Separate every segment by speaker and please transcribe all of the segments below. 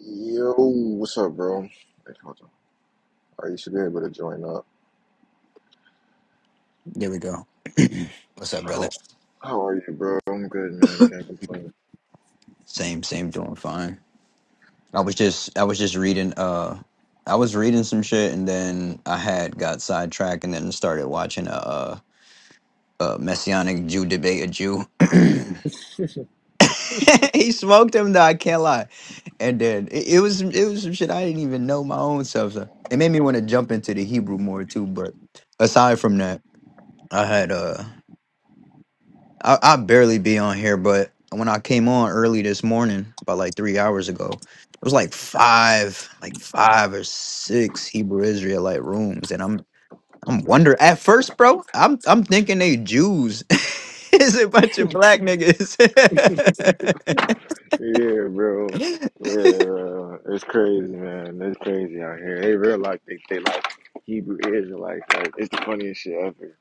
Speaker 1: Yo, what's up, bro? Hey, hold on. All right, you should be able to join up.
Speaker 2: There we go. What's up, brother?
Speaker 1: How, how are you, bro? I'm good, man. Can't complain.
Speaker 2: Same, same, doing fine. I was just, I was just reading. Uh, I was reading some shit, and then I had got sidetracked, and then started watching a, a, a messianic Jew debate a Jew. he smoked him though. I can't lie. And then it, it was, it was some shit I didn't even know my own self. So it made me want to jump into the Hebrew more too. But aside from that, I had uh. I, I barely be on here, but when I came on early this morning, about like three hours ago, it was like five, like five or six Hebrew Israelite rooms, and I'm I'm wonder at first, bro. I'm I'm thinking they Jews. it's a bunch of black niggas.
Speaker 1: Yeah, bro. Yeah, bro. It's crazy, man. It's crazy out here. They real like they, they like Hebrew Israelites. Like, it's the funniest shit ever.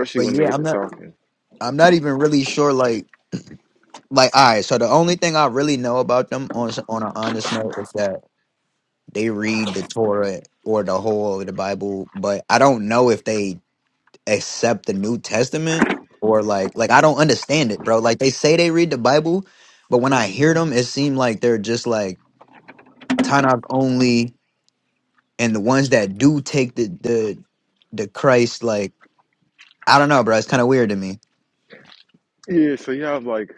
Speaker 2: but
Speaker 1: when they
Speaker 2: yeah,
Speaker 1: get
Speaker 2: I'm
Speaker 1: to
Speaker 2: not
Speaker 1: talking.
Speaker 2: I'm not even really sure. Like like all right, so the only thing I really know about them on s- on an honest note is that they read the Torah or the whole of the Bible, but I don't know if they accept the New Testament or like like I don't understand it, bro. Like they say they read the Bible, but when
Speaker 1: hmm
Speaker 2: I hear them, it seems like they're just like Tanakh only, and the ones that do take the the the Christ like I don't know, bro. It's kind of weird to me.
Speaker 1: Yeah, so you have like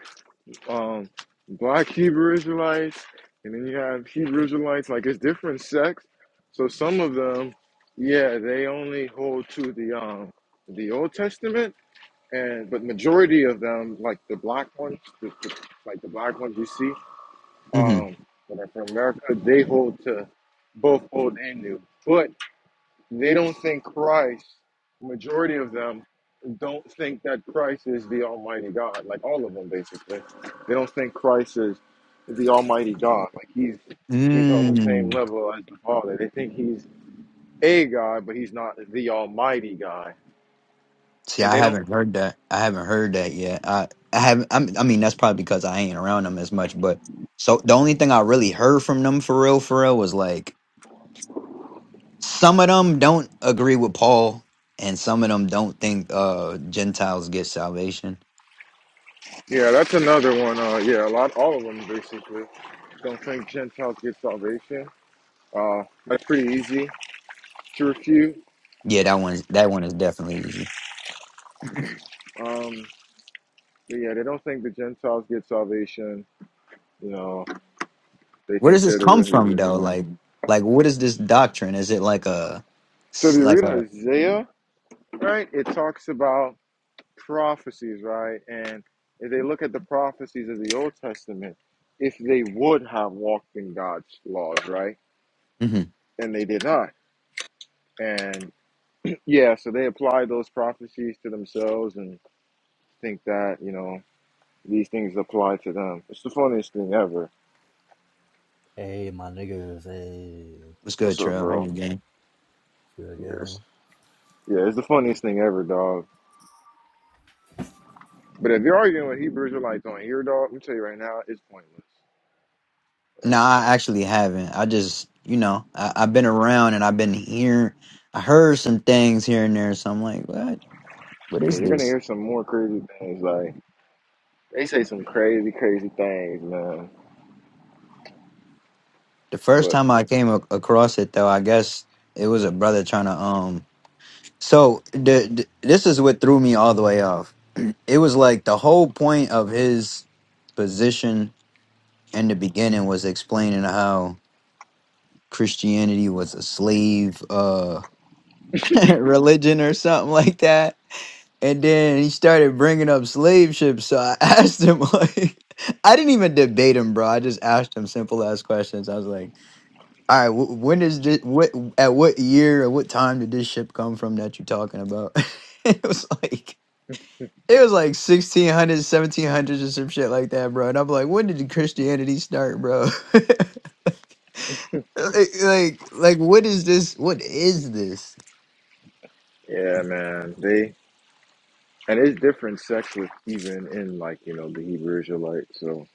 Speaker 1: um, black Hebrew Israelites, and then you have Hebrew Israelites. Like it's different sects. So some of them, yeah, they only hold to the um, the Old Testament, and but majority of them, like the black ones, the, the- like the black ones you see
Speaker 2: hmm
Speaker 1: um, that are from America, they hold to both Old and New. But they don't think Christ, majority of them, don't think that Christ is the Almighty God. Like all of them, basically. They don't think Christ is the Almighty God. Like he's he's on the same
Speaker 2: Mm.
Speaker 1: level as the Father. They think he's a God, but he's not the Almighty God.
Speaker 2: See,
Speaker 1: And
Speaker 2: I
Speaker 1: they don't.
Speaker 2: haven't heard that. I haven't heard that yet. I I haven't. I'm, I mean, that's probably because I ain't around them as much. But so the only thing I really heard from them for real, for real, was like some of them don't agree with Paul, and some of them don't think uh Gentiles get salvation.
Speaker 1: Yeah, that's another one. Uh, yeah, a lot. All of them basically don't think Gentiles get salvation. Uh, that's pretty easy to refute.
Speaker 2: Yeah, that one that one is definitely easy.
Speaker 1: Um, but yeah, they don't think the Gentiles get salvation. You know, They
Speaker 2: Where does
Speaker 1: think
Speaker 2: this
Speaker 1: they're the
Speaker 2: come
Speaker 1: real
Speaker 2: from
Speaker 1: Hebrews of
Speaker 2: though?
Speaker 1: life.
Speaker 2: Like like what is this doctrine? Is it like a
Speaker 1: So if
Speaker 2: s-
Speaker 1: you
Speaker 2: like
Speaker 1: read
Speaker 2: a
Speaker 1: Isaiah, right, it talks about prophecies, right? And if they look at the prophecies of the Old Testament, if they would have walked in God's laws, right?
Speaker 2: hmm
Speaker 1: And they did not. And yeah, so they apply those prophecies to themselves and think that, you know, these things apply to them. It's the funniest thing ever.
Speaker 3: Hey, my niggas, hey,
Speaker 2: what's good,
Speaker 1: What's up,
Speaker 2: Trail? How
Speaker 1: bro?
Speaker 2: you game?
Speaker 3: good gang.
Speaker 1: Yes. Yeah, it's the funniest thing ever, dog. But if you're arguing with Hebrews, Israelites on here, dog, let me tell you right now, it's pointless.
Speaker 2: No, I actually haven't. I just you know, I, I've been around and I've been hearing I heard some things here and there, so I'm like, what what
Speaker 1: Yeah,
Speaker 2: is
Speaker 1: you're gonna
Speaker 2: this?
Speaker 1: hear some more crazy things. Like they say some crazy, crazy things, man.
Speaker 2: The first
Speaker 1: But
Speaker 2: time I came ac- across it though, I guess it was a brother trying to um So the, the- this is what threw me all the way off. It was like the whole point of his position in the beginning was explaining how Christianity was a slave uh, religion or something like that. And then he started bringing up slave ships. So I asked him, like, I didn't even debate him, bro. I just asked him simple ass questions. I was like, all right, wh- when is this? What at what year or what time did this ship come from that you're talking about? it was like It was like 1600s, 1700s, or some shit like that, bro. And I'm like, when did Christianity start, bro? like, like, like, what is this? What is this?
Speaker 1: yeah, man, they and it's different sects with even in like you know the Hebrew Israelites. So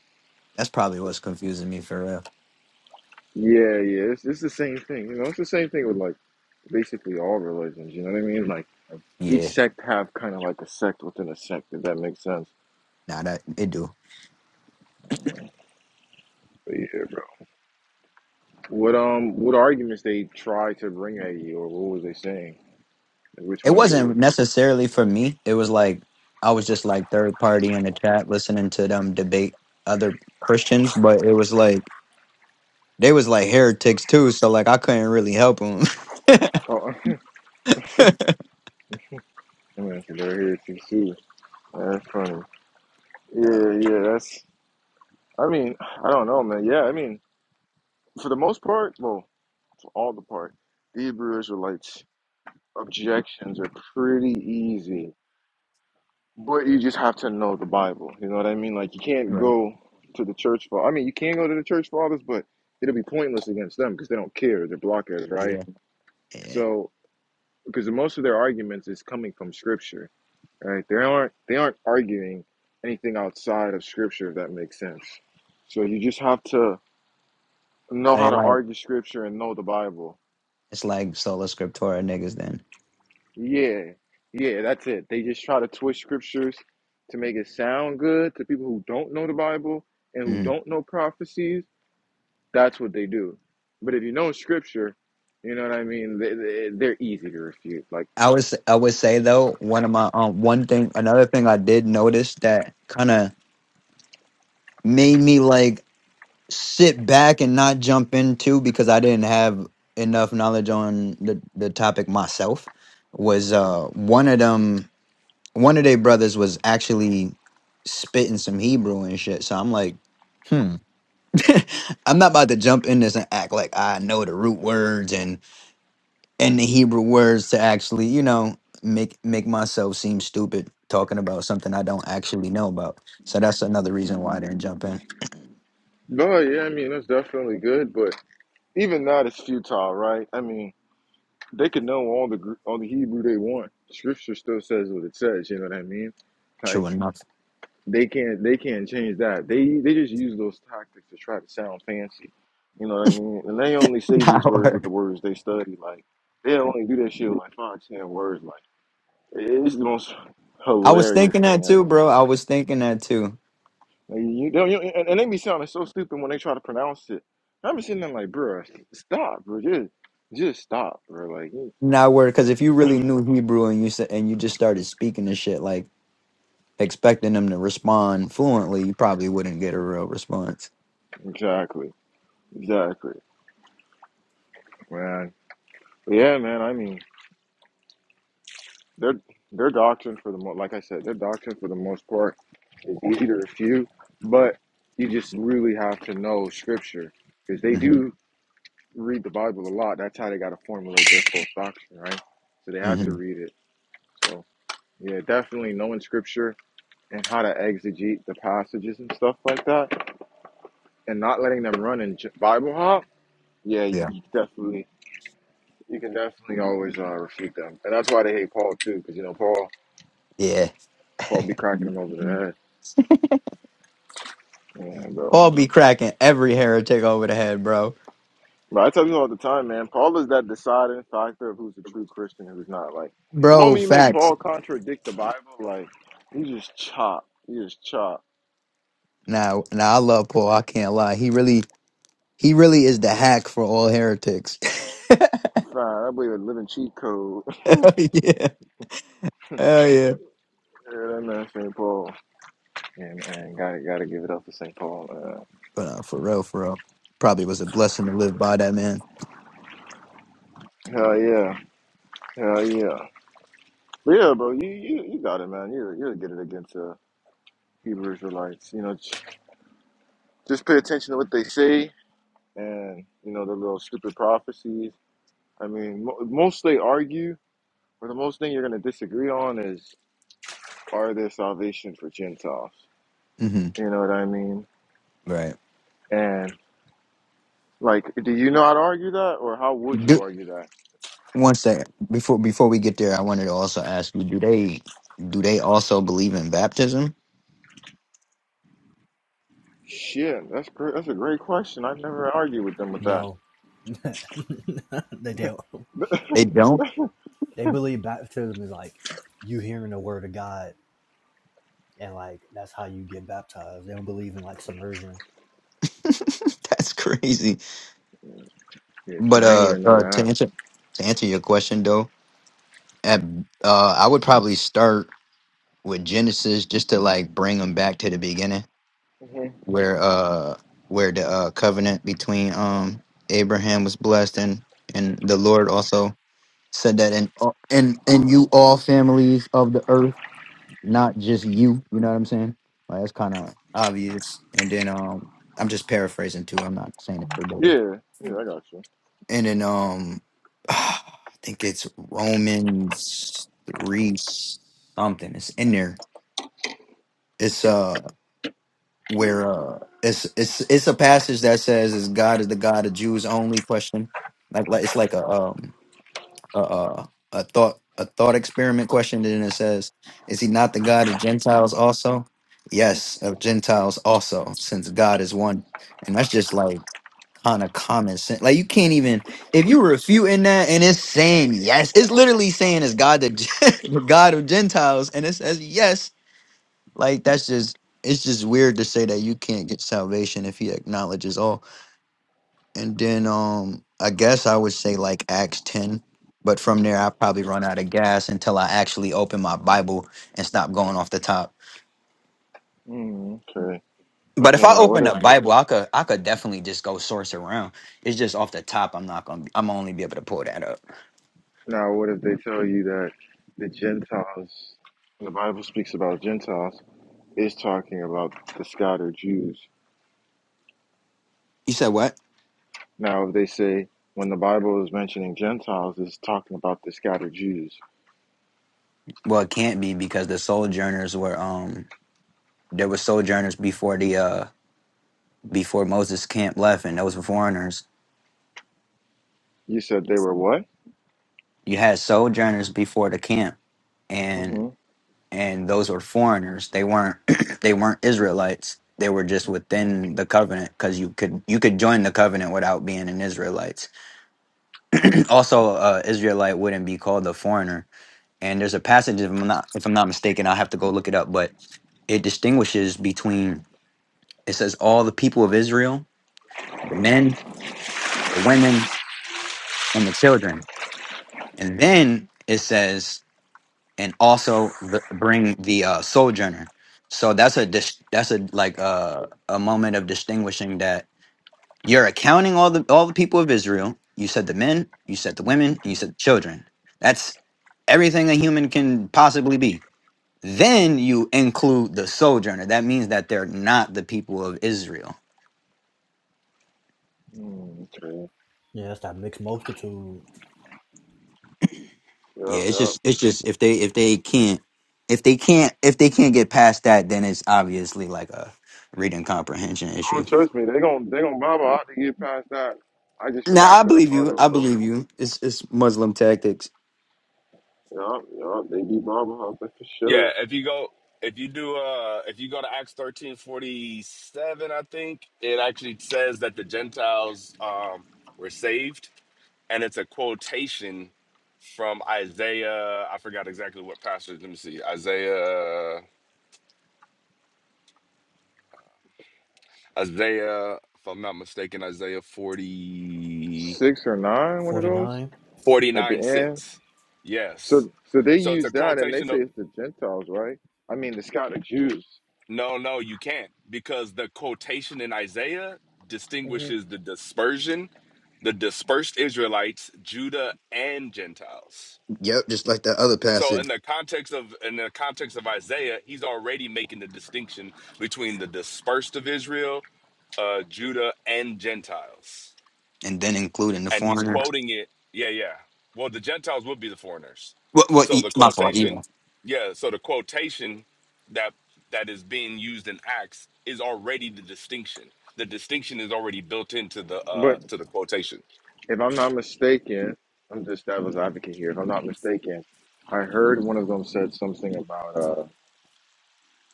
Speaker 2: That's probably what's confusing me for real.
Speaker 1: yeah, yeah, it's, it's the same thing. You know, it's the same thing with like basically all religions. You know what I mean? Like each
Speaker 2: Yeah,
Speaker 1: sect have kind of like a sect within a sect. If that makes sense.
Speaker 2: nah, that it do.
Speaker 1: But yeah, bro. What um, what arguments they try to bring at you, or what was they saying? Which
Speaker 2: It
Speaker 1: ones were
Speaker 2: wasn't
Speaker 1: you?
Speaker 2: necessarily for me. It was like I was just like third party in the chat, listening to them debate other Christians. But it was like they was like heretics too, so like I couldn't really help them.
Speaker 1: Oh, man, they're here too. That's funny. Yeah, yeah, yeah, that's. I mean, I don't know, man. Yeah, I mean, for the most part, well, for all the part, the Hebrew Israelites' objections are pretty easy, but you just have to know the Bible. You know what I mean? Like, you can't
Speaker 2: right?
Speaker 1: go to the church for. I mean, you can go to the church fathers, but it'll be pointless against them because they don't care. They're blockheads, right?
Speaker 2: Yeah, yeah.
Speaker 1: So, because most of their arguments is coming from Scripture, right? They aren't. They aren't arguing anything outside of Scripture, if that makes sense. So you just have to know
Speaker 2: So
Speaker 1: how
Speaker 2: they
Speaker 1: to
Speaker 2: like.
Speaker 1: argue scripture and know the Bible.
Speaker 2: It's like sola scriptura niggas then.
Speaker 1: Yeah, yeah, that's it. They just try to twist scriptures to make it sound good to people who don't know the Bible and who
Speaker 2: Mhm.
Speaker 1: don't know prophecies. That's what they do. But if you know scripture, you know what I mean. They, they, they're easy to refute. Like,
Speaker 2: I would s- I would say though one of my um one thing another thing I did notice that kind of made me like sit back and not jump into because I didn't have enough knowledge on the the topic myself was uh one of them one of their brothers was actually spitting some Hebrew and shit so I'm like hmm I'm not about to jump in this and act like I know the root words and and the Hebrew words to actually, you know, make make myself seem stupid talking about something I don't actually know about. So that's another reason why I didn't jump in.
Speaker 1: no, yeah, I mean that's definitely good, but even that is futile, right? I mean, they could know all the Gr- all the Hebrew they want. Scripture still says what it says. You know what I mean? like.
Speaker 2: True enough.
Speaker 1: They can't they can't change that. They they just use those tactics to try to sound fancy. You know what I mean? And they only say these
Speaker 2: Not
Speaker 1: words with the
Speaker 2: word.
Speaker 1: words they study. Like they only do that shit with like five, ten words. Like it's the most
Speaker 2: I was
Speaker 1: hilarious
Speaker 2: thinking that
Speaker 1: thing
Speaker 2: too,
Speaker 1: ever.
Speaker 2: bro. I was thinking that too.
Speaker 1: Like, you don't you, and, and they be sounding so stupid when they try to pronounce it. I'm just sitting there like, bro, stop, bro, just just stop, bro. Like
Speaker 2: Not word, because if you really knew Hebrew and you said and you just started speaking this shit like expecting them to respond fluently, you probably wouldn't get a real response.
Speaker 1: exactly, exactly, man. Yeah, man. I mean. Their their doctrine for the most, like I said, their doctrine for the most part is easy to refute, but you just really have to know scripture because they
Speaker 2: hmm
Speaker 1: do read the Bible a lot. That's how they got to formulate their false doctrine, right? So they have to
Speaker 2: hmm
Speaker 1: read it. So yeah, definitely knowing scripture and how to exegete the passages and stuff like that, and not letting them run and j- Bible hop. Yeah, you
Speaker 2: Yeah.
Speaker 1: you definitely, you can definitely always uh, refute them, and that's why they hate Paul too, because you know Paul,
Speaker 2: Yeah.
Speaker 1: Paul be cracking them over the head. Yeah, bro.
Speaker 2: Paul be cracking every heretic over the head, bro.
Speaker 1: But I tell people all the time, man, Paul is that deciding factor of who's a true Christian and who's not. Like the
Speaker 2: Bro,
Speaker 1: moment you make
Speaker 2: facts.
Speaker 1: Paul contradict the Bible, like you just chop. You just chop.
Speaker 2: Now, now I love Paul. I can't lie. He really, he really is the hack for all heretics.
Speaker 1: Fine, I believe in living cheat code. yeah,
Speaker 2: Hell yeah, hell yeah.
Speaker 1: that man St. Paul. Yeah, man, gotta gotta give it up for St. Paul. Man.
Speaker 2: But uh, for real, for real, probably was a blessing to live by that man.
Speaker 1: Hell yeah. Hell yeah. But yeah, bro, you, you you got it, man. You you'll get it against uh Hebrew Israelites. You know, j- just pay attention to what they say and you know the little stupid prophecies. I mean, mo- most they argue But the most thing you're going to disagree on is are there salvation for Gentiles?
Speaker 2: hmm
Speaker 1: You know what I mean?
Speaker 2: Right.
Speaker 1: And like, do you not argue that, or how would
Speaker 2: Do,
Speaker 1: you argue that?
Speaker 2: one second before before we get there, I wanted to also ask you: Do they do they also believe in baptism?
Speaker 1: Shit, that's great. That's a great question. I never argue with them with that.
Speaker 3: No, they don't.
Speaker 2: They don't.
Speaker 3: They believe baptism is like you hearing the word of God, and like that's how you get baptized. They don't believe in like submersion.
Speaker 2: That's crazy.
Speaker 1: Yeah, see,
Speaker 2: But
Speaker 1: I ain't
Speaker 2: uh,
Speaker 1: even know
Speaker 2: uh, to
Speaker 1: that.
Speaker 2: answer to answer your question though, at, uh, I would probably start with Genesis just to like bring them back to the beginning
Speaker 1: hmm
Speaker 2: where uh where the uh covenant between um Abraham was blessed and and the Lord also said that in and and you all families of the earth, not just you. You know what I'm saying? Like that's kind of obvious. And then um, I'm just paraphrasing too. I'm not saying it verbatim.
Speaker 1: Yeah, yeah, I got you.
Speaker 2: And then um, I think it's Romans three something. It's in there. It's uh. where uh it's it's it's a passage that says is God is the God of Jews only question. Like like it's like a um a a, a thought a thought experiment question and it says, Is he not the God of Gentiles also? Yes, of Gentiles also, since God is one. And that's just like kind of common sense. Like you can't even if you refuting that and it's saying yes, it's literally saying it's God the, the God of Gentiles and it says yes like that's just it's just weird to say that you can't get salvation if he acknowledges all. And then um I guess I would say like Acts 10, but from there I probably run out of gas until I actually open my Bible and stop going off the top.
Speaker 1: Mm, okay.
Speaker 2: But if
Speaker 1: Okay.
Speaker 2: I
Speaker 1: Now, what
Speaker 2: open the
Speaker 1: if
Speaker 2: Bible, I could I could definitely just go source around. It's just off the top I'm not going to I'm only be able to pull that up.
Speaker 1: now what if they tell you that the Gentiles, the Bible speaks about Gentiles, is talking about the scattered Jews?
Speaker 2: You said what?
Speaker 1: Now, if they say when the Bible is mentioning Gentiles, it's talking about the scattered Jews.
Speaker 2: Well, it can't be because the sojourners were um there were sojourners before the uh before Moses camp left and those were foreigners
Speaker 1: You said they were what?
Speaker 2: you had sojourners before the camp and
Speaker 1: hmm
Speaker 2: and those were foreigners they weren't they weren't israelites they were just within the covenant because you could you could join the covenant without being an israelite also uh israelite wouldn't be called a foreigner and there's a passage if i'm not if i'm not mistaken i'll have to go look it up but it distinguishes between it says all the people of israel the men the women and the children and then it says and also b- bring the uh, sojourner. So that's a dis- that's a like uh, a moment of distinguishing that you're accounting all the all the people of Israel. You said the men, you said the women, and you said the children. That's everything a human can possibly be. Then you include the sojourner. That means that they're not the people of Israel.
Speaker 1: okay.
Speaker 3: Yeah, that's that mixed multitude.
Speaker 2: Yeah,
Speaker 1: Yeah,
Speaker 2: it's
Speaker 1: yeah.
Speaker 2: just it's just if they if they can't if they can't if they can't get past that, then it's obviously like a reading comprehension
Speaker 1: Oh,
Speaker 2: issue.
Speaker 1: trust me, they gon' they gon' to Bible out to get past that. I just
Speaker 2: Now
Speaker 1: forgot
Speaker 2: I
Speaker 1: the
Speaker 2: believe you. I
Speaker 1: rebuttal, but
Speaker 2: believe you. It's it's Muslim tactics.
Speaker 1: yeah, yeah, they be Bible hopping for
Speaker 4: Yeah,
Speaker 1: sure.
Speaker 4: if you go if you do uh if you go to Acts thirteen forty seven, I think, it actually says that the Gentiles um were saved and it's a quotation from Isaiah. I forgot exactly what passage. Let me see. Isaiah Isaiah, if I'm not mistaken, Isaiah forty
Speaker 1: Six or nine, one of
Speaker 3: Forty
Speaker 1: those
Speaker 3: nine.
Speaker 1: at the
Speaker 4: forty-nine,
Speaker 1: end.
Speaker 4: 6. Yes.
Speaker 1: So, so they
Speaker 4: So it's a
Speaker 1: use that, and they
Speaker 4: quotation.
Speaker 1: say it's the Gentiles, right? I mean, the scattered Jews.
Speaker 4: No, no, you can't because the quotation in Isaiah
Speaker 1: hmm
Speaker 4: distinguishes the dispersion, the dispersed Israelites, Judah and Gentiles.
Speaker 2: Yep, just like that other
Speaker 4: So
Speaker 2: passage,
Speaker 4: in the context of in the context of Isaiah, he's already making the distinction between the dispersed of Israel, uh, Judah and Gentiles
Speaker 2: and then including the
Speaker 4: and he's
Speaker 2: foreigners.
Speaker 4: quoting it. Yeah, yeah. Well, the Gentiles would be the foreigners.
Speaker 2: What? What?
Speaker 4: So
Speaker 2: e-
Speaker 4: the
Speaker 2: My fault.
Speaker 4: quotation,
Speaker 2: Yeah.
Speaker 4: yeah. So the quotation that that is being used in Acts is already the distinction. The distinction is already built into the uh
Speaker 1: But
Speaker 4: to the quotation.
Speaker 1: If I'm not mistaken, I'm just devil's advocate here. If I'm not mistaken, I heard one of them said something about uh,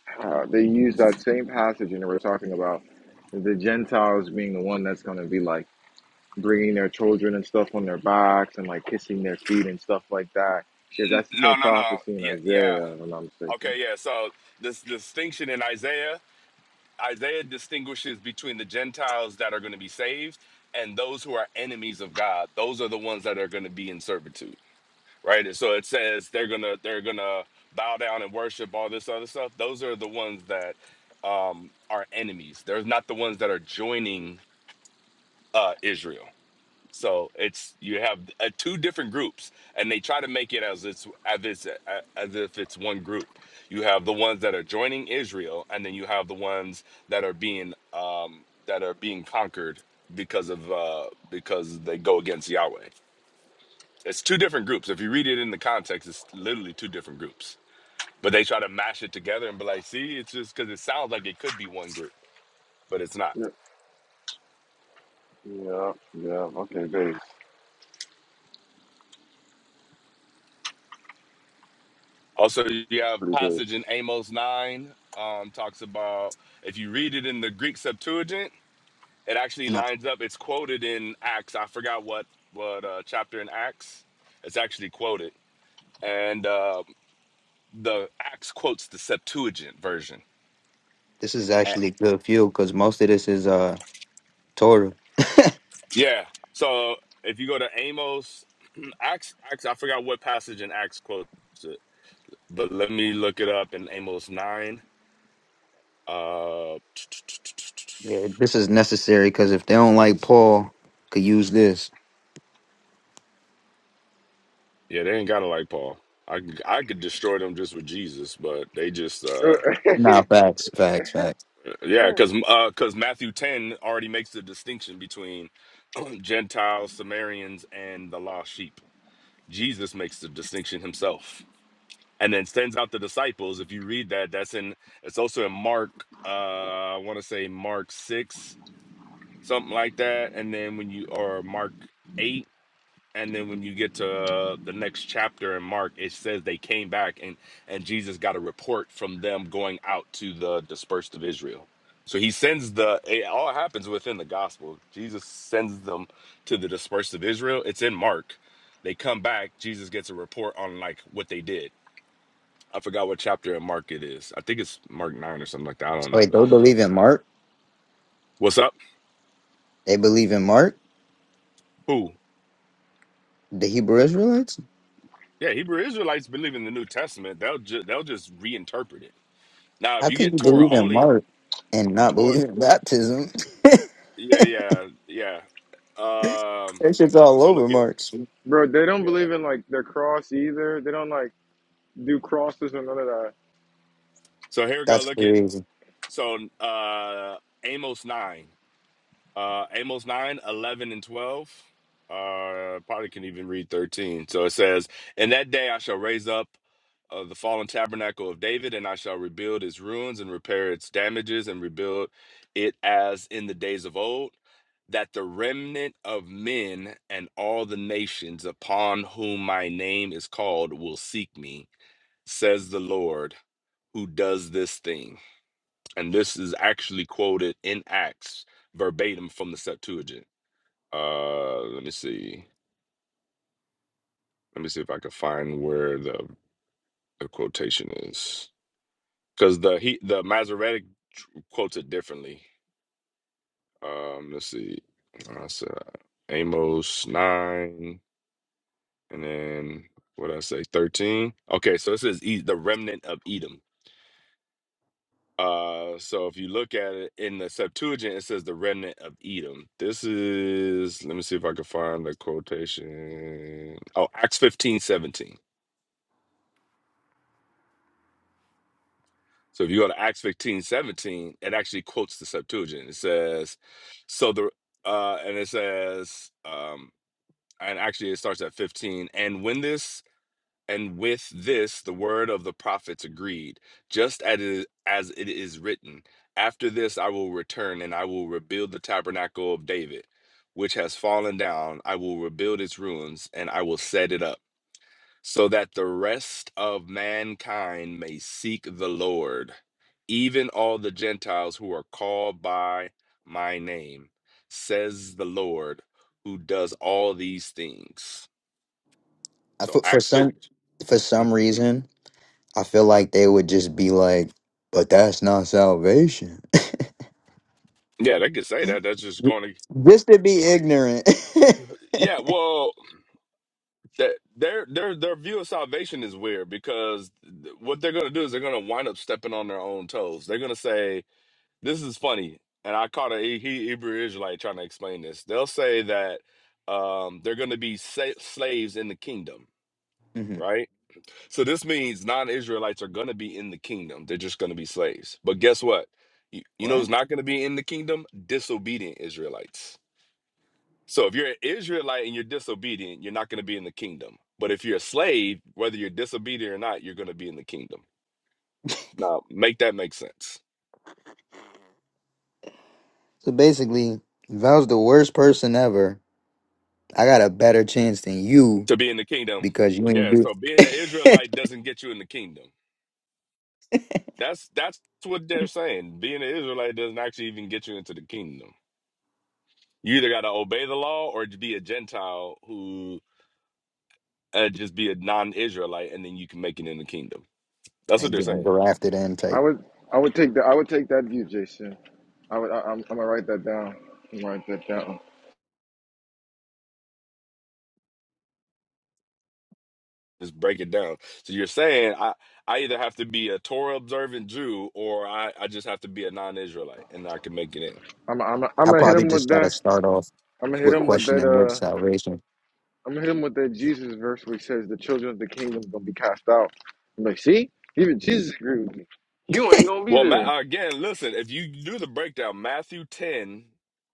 Speaker 1: how they used that same passage and they were talking about the Gentiles being the one that's going to be like bringing their children and stuff on their backs and like kissing their feet and stuff like that. Because
Speaker 4: N-
Speaker 1: that's the
Speaker 4: No,
Speaker 1: same
Speaker 4: no, no.
Speaker 1: prophecy in
Speaker 4: Yeah, yeah.
Speaker 1: Isaiah, if I'm not mistaken.
Speaker 4: Okay, yeah. So this distinction in Isaiah, Isaiah distinguishes between the Gentiles that are going to be saved and those who are enemies of God. Those are the ones that are going to be in servitude. right? And so it says they're gonna they're gonna bow down and worship all this other stuff. Those are the ones that um are enemies. They're not the ones that are joining uh Israel. So it's you have uh, two different groups, and they try to make it as it's as it's uh, as if it's one group. You have the ones that are joining Israel, and then you have the ones that are being um that are being conquered because of uh because they go against Yahweh. It's two different groups. If you read it in the context, it's literally two different groups. But they try to mash it together and be like, see, it's just because it sounds like it could be one group, but it's not.
Speaker 1: Yeah, yeah, yeah. Okay, base.
Speaker 4: Also, you
Speaker 1: It's
Speaker 4: have
Speaker 1: pretty
Speaker 4: passage
Speaker 1: base.
Speaker 4: in Amos 9 um, talks about if you read it in the Greek Septuagint, it actually
Speaker 2: And I,
Speaker 4: lines up. It's quoted in Acts. I forgot what what uh, chapter in Acts. It's actually quoted, and uh, the Acts quotes the Septuagint version.
Speaker 2: this is actually a good fuel because most of this is uh Torah.
Speaker 4: Yeah. So if you go to Amos, Acts, Acts, I forgot what passage in Acts quotes it, but let me look it up in Amos nine. Uh,
Speaker 2: Yeah. This is necessary because if they don't like Paul, could use this.
Speaker 4: yeah, they ain't gotta like Paul. I could- I could destroy them just with Jesus, but they just uh,
Speaker 2: Nah, facts, facts, facts.
Speaker 4: yeah, because because Matthew ten already makes the distinction between Gentiles, Samaritans, and the lost sheep. Jesus makes the distinction himself. and then sends out the disciples. If you read that, that's in it's also in Mark, uh, I want to say Mark six, something like that. And then when you or Mark eight, and then when you get to uh, the next chapter in Mark, it says they came back and and Jesus got a report from them going out to the dispersed of Israel. So he sends the it all happens within the gospel. Jesus sends them to the dispersed of Israel. It's in Mark. They come back. Jesus gets a report on like what they did I forgot what chapter in Mark it is. I think it's Mark 9 or something like that. I don't know.
Speaker 2: Wait, they believe in Mark.
Speaker 4: What's up?
Speaker 2: They believe in Mark.
Speaker 4: Who?
Speaker 2: The Hebrew Israelites.
Speaker 4: Yeah, Hebrew Israelites believe in the New Testament. They'll, ju- they'll just reinterpret it. Now, if
Speaker 2: How
Speaker 4: you
Speaker 2: can
Speaker 4: get
Speaker 2: you
Speaker 4: Torah
Speaker 2: believe in
Speaker 4: only,
Speaker 2: Mark and not
Speaker 4: well, if-
Speaker 2: believe in baptism?
Speaker 4: yeah, yeah, yeah. Um,
Speaker 2: that shit's all
Speaker 4: so
Speaker 2: over
Speaker 4: look at,
Speaker 2: Mark.
Speaker 1: Bro, they don't
Speaker 4: yeah.
Speaker 1: believe in like their cross either. They don't like do crosses or none of that.
Speaker 4: So here we go.
Speaker 2: That's
Speaker 4: Look at,
Speaker 2: crazy.
Speaker 4: so uh Amos 9. Uh, Amos 9, 11, and 12. Uh, probably can even read 13. So it says, In that day I shall raise up uh, the fallen tabernacle of David, and I shall rebuild its ruins and repair its damages and rebuild it as in the days of old, that the remnant of men and all the nations upon whom my name is called will seek me, says the Lord who does this thing. And this is actually quoted in Acts verbatim from the Septuagint. Uh, let me see. Let me see if I can find where the, the quotation is, because the he the Masoretic tr- quotes it differently. Um, let's see. I said Amos nine, and then what did I say thirteen. Okay, so it says E- the remnant of Edom. Uh, so if you look at it in the Septuagint, it says the remnant of Edom. This is let me see if I can find the quotation. Oh, Acts fifteen seventeen. So if you go to Acts 15 17, it actually quotes the Septuagint. It says, so the, uh, and it says, um, and actually it starts at 15, and when this, and with this, the word of the prophets agreed, just as it, as it is written, after this I will return and I will rebuild the tabernacle of David, which has fallen down. I will rebuild its ruins and I will set it up so that the rest of mankind may seek the Lord, even all the Gentiles who are called by my name, says the Lord, who does all these things.
Speaker 2: I,
Speaker 4: So
Speaker 2: for, for
Speaker 4: Acts fit.
Speaker 2: some for some reason, I feel like they would just be like, "But that's not salvation."
Speaker 4: Yeah, they could say that. That's just going to.
Speaker 2: just to be ignorant.
Speaker 4: Yeah, well, that, their their their view of salvation is weird because th- what they're going to do is they're going to wind up stepping on their own toes. They're going to say, this is funny, and I caught a he- he- Hebrew Israelite trying to explain this. They'll say that um, they're going to be sa- slaves in the kingdom,
Speaker 2: hmm
Speaker 4: right? So this means non-Israelites are going to be in the kingdom. They're just going to be slaves. But guess what? You, you know
Speaker 2: What?
Speaker 4: who's not going to be in the kingdom? Disobedient Israelites. So if you're an Israelite and you're disobedient, you're not going to be in the kingdom. But if you're a slave, whether you're disobedient or not, you're going to be in the kingdom. Now, make that make sense.
Speaker 2: So basically, if I was the worst person ever, I got a better chance than you
Speaker 4: to be in the kingdom.
Speaker 2: because you ain't
Speaker 4: Yeah,
Speaker 2: do.
Speaker 4: so being an Israelite doesn't get you in the kingdom. That's that's what they're saying. Being an Israelite doesn't actually even get you into the kingdom. You either got to obey the law or to be a Gentile who uh, just be a non-Israelite, and then you can make it in the kingdom. That's
Speaker 2: I
Speaker 4: what they're
Speaker 2: get them
Speaker 4: saying.
Speaker 2: grafted in
Speaker 1: I
Speaker 2: type.
Speaker 1: would I would take that I would take that view, Jason. I would I, I'm, I'm gonna write that down. I'm gonna write that down.
Speaker 4: Just break it down. So you're saying I I either have to be a Torah observant Jew or I I just have to be a non-Israelite and I can make it in.
Speaker 1: I'm I'm I'm
Speaker 2: I
Speaker 1: gonna hit
Speaker 2: probably
Speaker 1: him
Speaker 2: just
Speaker 1: with
Speaker 2: thought i
Speaker 1: that.
Speaker 2: start off
Speaker 1: I'm gonna hit
Speaker 2: with
Speaker 1: him with that.
Speaker 2: questioning with
Speaker 1: Uh,
Speaker 2: salvation.
Speaker 1: I'm gonna hit him with that Jesus verse where he says the children of the kingdom gonna be cast out. I'm like, see, even Jesus agreed with me. You ain't gonna be
Speaker 4: Well,
Speaker 1: there.
Speaker 4: Ma- again, listen, if you do the breakdown, Matthew 10,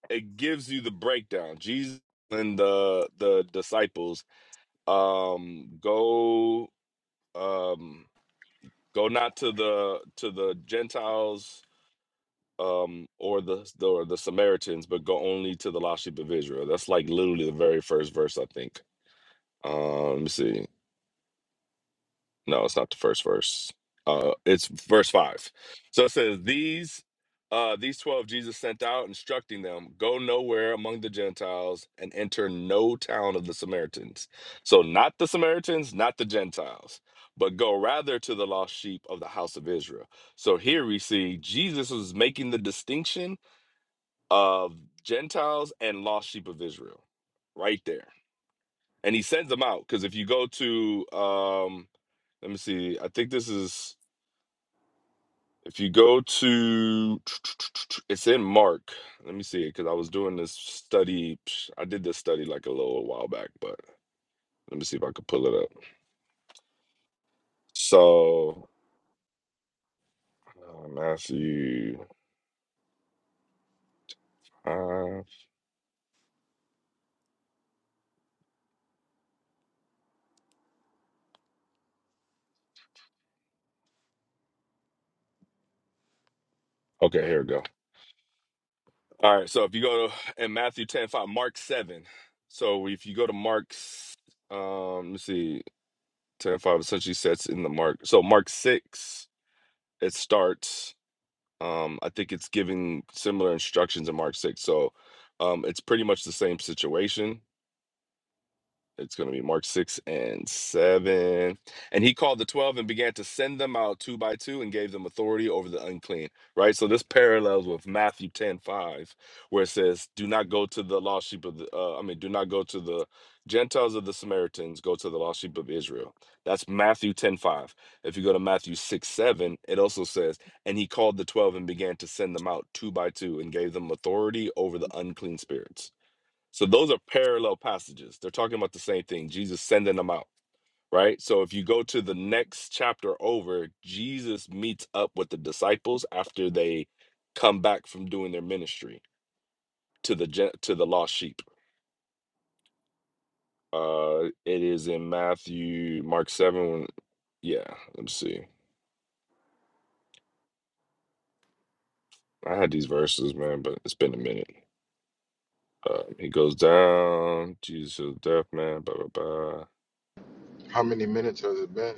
Speaker 4: it gives you the breakdown. Jesus and the the disciples um go um go not to the to the Gentiles um or the, the or the Samaritans, but go only to the lost sheep of Israel. That's like literally the very first verse, I think. Um, let me see. No, it's not the first verse. Uh, it's verse five. So it says, "These, uh, these twelve Jesus sent out, instructing them, go nowhere among the Gentiles and enter no town of the Samaritans. So not the Samaritans, not the Gentiles, but go rather to the lost sheep of the house of Israel." So here we see Jesus was making the distinction of Gentiles and lost sheep of Israel, right there, and he sends them out because if you go to um let me see. I think this is if you go to it's in Mark. Let me see because I was doing this study. I did this study like a little while back, but let me see if I could pull it up. So uh, Matthew. Uh, okay, here we go. All right. So if you go to in Matthew ten five, Mark seven. So if you go to Mark's, um, let me see, ten five essentially sets in the Mark. So Mark six, it starts. Um, I think it's giving similar instructions in Mark 6. So um, it's pretty much the same situation. It's going to be Mark 6 and 7. And he called the 12 and began to send them out two by two and gave them authority over the unclean. Right? So this parallels with Matthew 10 5, where it says, Do not go to the lost sheep of the, uh, I mean, do not go to the Gentiles of the Samaritans, go to the lost sheep of Israel. That's Matthew 10 5. If you go to Matthew 6 7, it also says, And he called the 12 and began to send them out two by two and gave them authority over the unclean spirits so those are parallel passages. They're talking about the same thing. Jesus sending them out, right? So if you go to the next chapter over, Jesus meets up with the disciples after they come back from doing their ministry to the gen- to the lost sheep. Uh it is in Matthew, Mark 7. when- Yeah, let me see. I had these verses, man, but it's been a minute. Uh, he goes down, Jesus' death, man, blah, blah, blah.
Speaker 1: How many minutes has it been?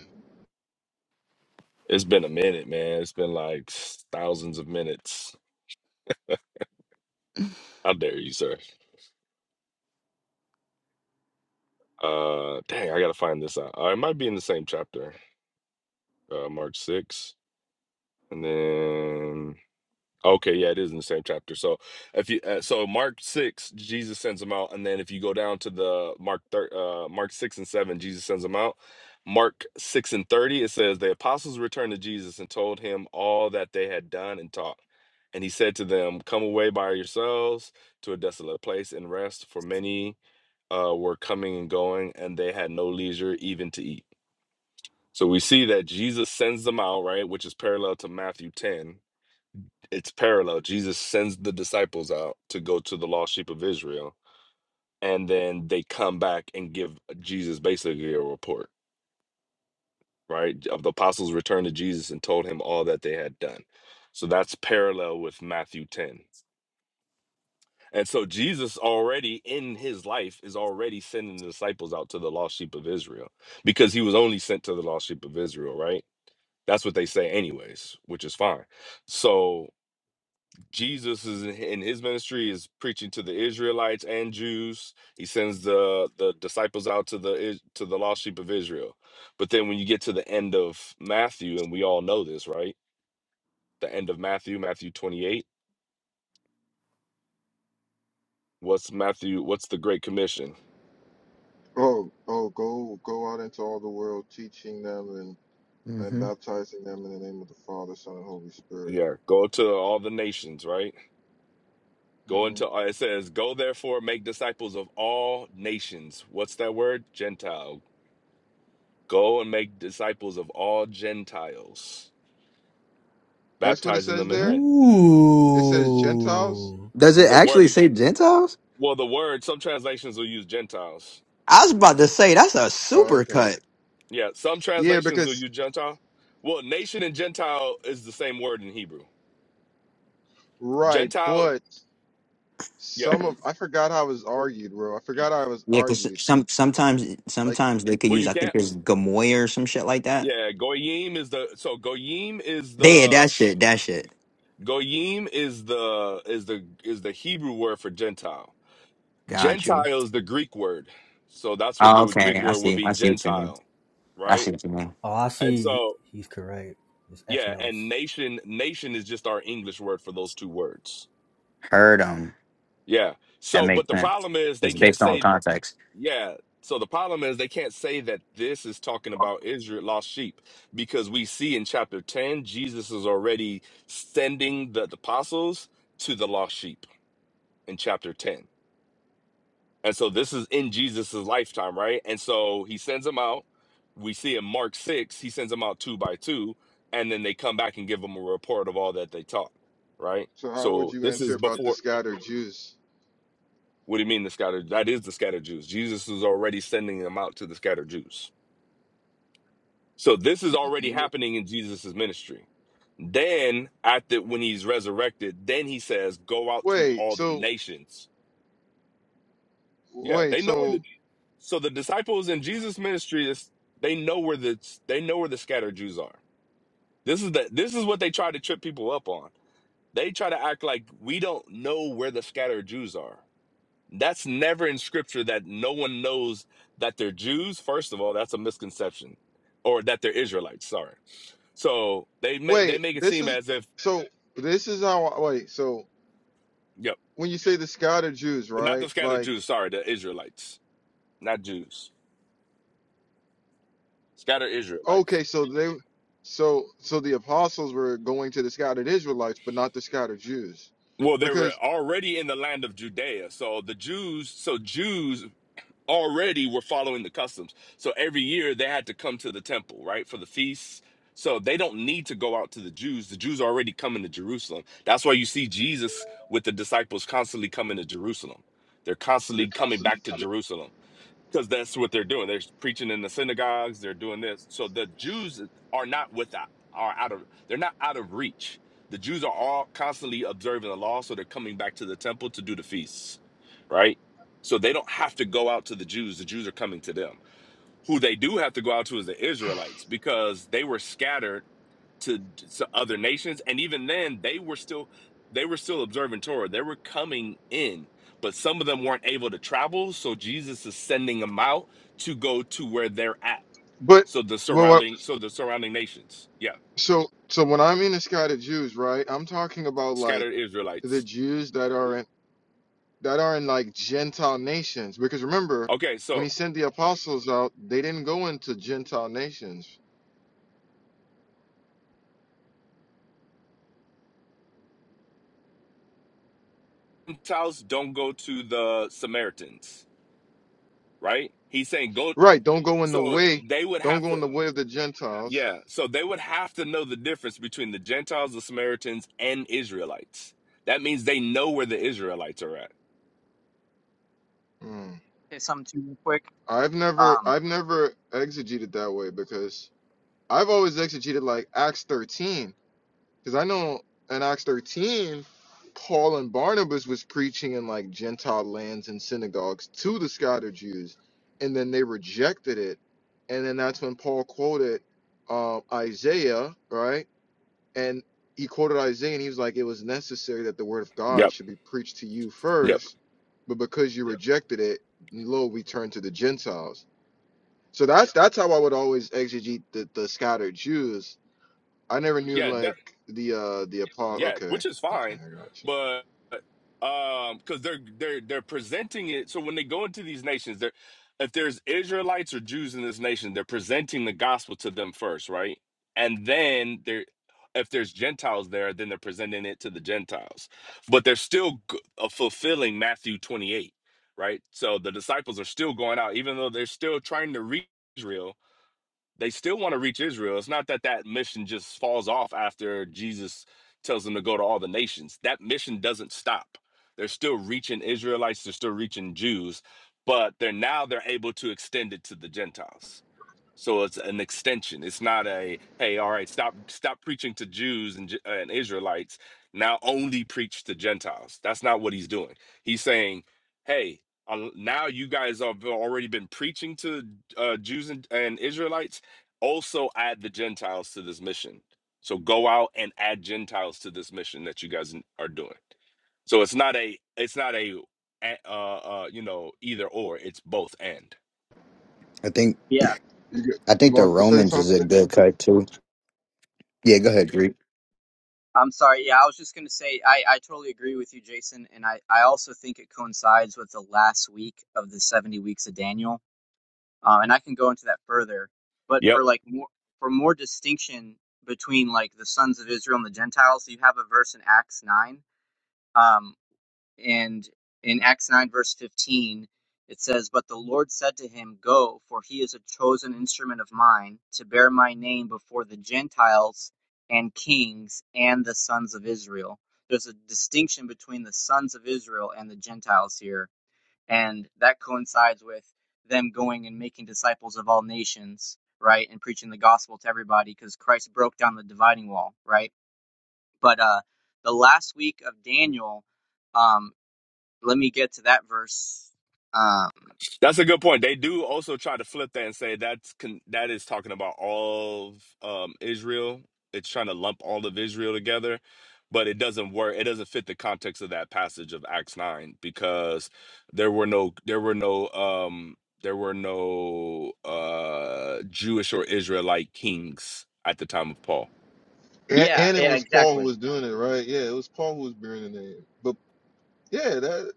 Speaker 4: It's been a minute, man. It's been like s- thousands of minutes How dare you, sir? Uh, dang, I gotta find this out. Uh, it might be in the same chapter, uh, Mark six, and then okay, yeah, it is in the same chapter. So if you uh, so Mark six, Jesus sends them out, and then if you go down to the Mark thir- uh, Mark six and seven, Jesus sends them out. Mark six and thirty, it says the apostles returned to Jesus and told him all that they had done and taught. And he said to them, "Come away by yourselves to a desolate place and rest, for many." uh, were coming and going, and they had no leisure even to eat. So we see that Jesus sends them out, right? Which is parallel to Matthew 10. It's parallel. Jesus sends the disciples out to go to the lost sheep of Israel. And then they come back and give Jesus basically a report, right? Of the apostles returned to Jesus and told him all that they had done. So that's parallel with Matthew 10. And so Jesus already in his life is already sending the disciples out to the lost sheep of Israel because he was only sent to the lost sheep of Israel, right? That's what they say, anyways, which is fine. So Jesus is in his ministry is preaching to the Israelites and Jews. He sends the the disciples out to the Is- to the lost sheep of Israel. But then when you get to the end of Matthew, and we all know this, right? The end of Matthew, Matthew twenty eight. What's Matthew? What's the Great Commission?
Speaker 1: Oh, oh, go go out into all the world, teaching them and, and
Speaker 2: hmm
Speaker 1: baptizing them in the name of the Father, Son, and Holy Spirit.
Speaker 4: Yeah, go to all the nations, right? Go
Speaker 1: hmm
Speaker 4: into uh, it says, "Go therefore, make disciples of all nations." What's that word? Gentile. Go and make disciples of all Gentiles,
Speaker 1: That's what it
Speaker 4: baptizing
Speaker 1: says
Speaker 4: them in the
Speaker 1: there.
Speaker 4: name.
Speaker 1: It says Gentiles.
Speaker 3: Ooh.
Speaker 2: Does it
Speaker 4: The word,
Speaker 2: actually say Gentiles?
Speaker 4: well, the word. Some translations will use Gentiles.
Speaker 2: I was about to say that's a
Speaker 1: Oh,
Speaker 2: super cut.
Speaker 4: Yeah, some
Speaker 1: Yeah,
Speaker 4: translations will
Speaker 1: because
Speaker 4: use Gentile. Well, nation and Gentile is the same word in Hebrew.
Speaker 1: right,
Speaker 4: Gentile,
Speaker 1: but
Speaker 4: yeah.
Speaker 1: some of I forgot how it was argued, bro. I forgot how it was
Speaker 2: Yeah, because
Speaker 1: argued.
Speaker 2: some sometimes
Speaker 1: Like,
Speaker 2: sometimes they could
Speaker 4: Well,
Speaker 2: use.
Speaker 4: you
Speaker 2: I think
Speaker 4: can't.
Speaker 2: there's Gamoy or some shit like that.
Speaker 4: Yeah, goyim is the so goyim is
Speaker 2: Yeah,
Speaker 4: the
Speaker 2: that shit, that shit.
Speaker 4: Goyim is the is the is the Hebrew word for Gentile.
Speaker 2: Got you.
Speaker 4: Gentile is the Greek word. So that's what
Speaker 2: Oh,
Speaker 4: the Greek
Speaker 2: okay, I
Speaker 4: word would
Speaker 2: see.
Speaker 4: be
Speaker 2: I see what you mean.
Speaker 4: Gentile,
Speaker 2: I
Speaker 4: right?
Speaker 2: see what you mean.
Speaker 3: Oh, I
Speaker 4: And
Speaker 3: see.
Speaker 4: so
Speaker 3: He's correct. It's
Speaker 4: yeah,
Speaker 3: ethnos.
Speaker 4: and nation nation is just our English word for those two words.
Speaker 2: Heard 'em.
Speaker 4: Yeah.
Speaker 2: That
Speaker 4: So but
Speaker 2: makes
Speaker 4: the
Speaker 2: sense.
Speaker 4: problem is they
Speaker 2: It's
Speaker 4: can't
Speaker 2: based on
Speaker 4: say
Speaker 2: context.
Speaker 4: yeah. So the problem is they can't say that this is talking about Israel lost sheep because we see in chapter 10 Jesus is already sending the, the apostles to the lost sheep in chapter 10. And so this is in Jesus's lifetime, right? And so he sends them out. We see in Mark 6, he sends them out two by two, and then they come back and give them a report of all that they taught, right?
Speaker 1: so how would
Speaker 4: So
Speaker 1: you
Speaker 4: this
Speaker 1: answer
Speaker 4: is
Speaker 1: about the
Speaker 4: before,
Speaker 1: scattered Jews?
Speaker 4: what do you mean the scattered? That is the scattered Jews. Jesus is already sending them out to the scattered Jews. So this is already
Speaker 1: N-
Speaker 4: happening in Jesus's ministry. Then, after when he's resurrected, then he says, Go out to
Speaker 1: Wait,
Speaker 4: all the
Speaker 1: so
Speaker 4: nations. Yeah,
Speaker 1: wait,
Speaker 4: they know where the
Speaker 1: so
Speaker 4: So the disciples in Jesus' ministry is they know where the they know where the scattered Jews are. This is the this is what they try to trip people up on. They try to act like we don't know where the scattered Jews are. That's never in scripture that no one knows that they're Jews. First of all, that's a misconception. Or that they're Israelites, sorry. So they make they
Speaker 1: wait,
Speaker 4: make it
Speaker 1: this
Speaker 4: seem
Speaker 1: is
Speaker 4: as if
Speaker 1: so this is how I- wait, so
Speaker 4: yep,
Speaker 1: when you say the scattered Jews,
Speaker 4: well, not the
Speaker 1: right?
Speaker 4: scattered Jews,
Speaker 1: Like,
Speaker 4: sorry, the Israelites, not Jews. Scattered Israelites
Speaker 1: okay, so they so so the apostles were going to the scattered Israelites, but not the scattered Jews.
Speaker 4: Well, they were
Speaker 1: Because
Speaker 4: already in the land of Judea. So the Jews, so Jews already were following the customs. So every year they had to come to the temple, right, for the feasts. So they don't need to go out to the Jews. The Jews are already coming to Jerusalem. That's why you see Jesus with the disciples constantly coming to Jerusalem. They're constantly coming back to Jerusalem because that's what they're doing. They're preaching in the synagogues. They're doing this. So the Jews are not without are out of they're not out of reach. The Jews are all constantly observing the law, so they're coming back to the temple to do the feasts, right? So they don't have to go out to the Jews. The Jews are coming to them. Who they do have to go out to is the Israelites because they were scattered to, to other nations and even then they were still they were still observing torah they were coming in but some of them weren't able to travel so jesus is sending them out to go to where they're at
Speaker 1: but
Speaker 4: so the surrounding so the surrounding nations yeah
Speaker 1: So, so when I'm in the Scotted Jews, right? I'm talking about like
Speaker 4: scattered
Speaker 1: the
Speaker 4: israelites
Speaker 1: Jews that are in that are in like Gentile nations. Because remember,
Speaker 4: okay
Speaker 1: when
Speaker 4: so
Speaker 1: he sent the apostles out, they didn't go into Gentile nations.
Speaker 4: gentiles don't go to the samaritans right he's saying go
Speaker 1: Right? Don't go in the
Speaker 4: so
Speaker 1: way.
Speaker 4: they would
Speaker 1: Don't
Speaker 4: have
Speaker 1: go
Speaker 4: to
Speaker 1: in the way of the Gentiles.
Speaker 4: Yeah, so they would have to know the difference between the Gentiles, the Samaritans, and Israelites. That means they know where the Israelites are at.
Speaker 1: Hmm.
Speaker 5: say something too real quick?
Speaker 1: I've never,
Speaker 5: Um,
Speaker 1: I've never exegeted that way because I've always exegeted like Acts 13. Because I know in Acts 13, Paul and Barnabas was preaching in like Gentile lands and synagogues to the scattered Jews, and then they rejected it. And then that's when Paul quoted um, Isaiah, right? And he quoted Isaiah, and he was like, "It was necessary that the word of God
Speaker 4: Yep,
Speaker 1: should be preached to you Yeah.
Speaker 4: yep.
Speaker 1: first, but because you Yeah. rejected it, lo, we turn to the Gentiles." So that's that's how I would always exegete the, the scattered Jews I never knew
Speaker 4: Yeah,
Speaker 1: like the uh the Apollo.
Speaker 4: Yeah,
Speaker 1: Okay,
Speaker 4: which is
Speaker 1: okay,
Speaker 4: fine,
Speaker 1: I got you.
Speaker 4: but um, because they're they're they're presenting it. So when they go into these nations, they're if there's Israelites or Jews in this nation, they're presenting the gospel to them first, right? And then they're if there's Gentiles there, then they're presenting it to the Gentiles. But they're still g- uh, fulfilling Matthew 28, right? So the disciples are still going out, even though they're still trying to reach Israel they still want to reach Israel. It's not that that mission just falls off after Jesus tells them to go to all the nations. That mission doesn't stop. They're still reaching Israelites, they're still reaching Jews, but they're now they're able to extend it to the Gentiles. So it's an extension. It's not a hey, all right, stop stop preaching to Jews and Ju- and Israelites. Now only preach to Gentiles. That's not what he's doing. He's saying, hey, um, now you guys have already been preaching to uh, Jews and, and Israelites. Also add the Gentiles to this mission. So go out and add Gentiles to this mission that you guys are doing. So it's not a it's not a uh, uh you know either or. It's both and.
Speaker 2: I think
Speaker 5: yeah,
Speaker 1: You g-
Speaker 2: I
Speaker 1: you
Speaker 2: think the
Speaker 1: wanted to say
Speaker 2: Romans is a
Speaker 1: something?
Speaker 2: good cut too. Yeah, go ahead, Greek.
Speaker 5: I'm sorry. Yeah, I was just gonna say I, I totally agree with you, Jason, and I, I also think it coincides with the last week of the 70 weeks of Daniel. Um, and I can go into that further, but
Speaker 4: Yep.
Speaker 5: for like more for more distinction between like the sons of Israel and the Gentiles, you have a verse in Acts nine. Um, and in Acts 9, verse 15, it says, But the Lord said to him, Go, for he is a chosen instrument of mine to bear my name before the Gentiles and kings and the sons of Israel. There's a distinction between the sons of Israel and the Gentiles here, and that coincides with them going and making disciples of all nations, right? And preaching the gospel to everybody because Christ broke down the dividing wall, right? But uh, the last week of Daniel. um, let me get to that verse. Um,
Speaker 4: That's a good point. They do also try to flip that and say that's con- that is talking about all of um, Israel. It's trying to lump all of Israel together, but it doesn't work. It doesn't fit the context of that passage of Acts nine because there were no there were no um, there were no uh, Jewish or Israelite kings at the time of Paul.
Speaker 1: And,
Speaker 5: yeah,
Speaker 1: and it
Speaker 5: yeah,
Speaker 1: was Paul who
Speaker 5: exactly.
Speaker 1: was doing it, right? Yeah, it was Paul who was bearing the name. But yeah, that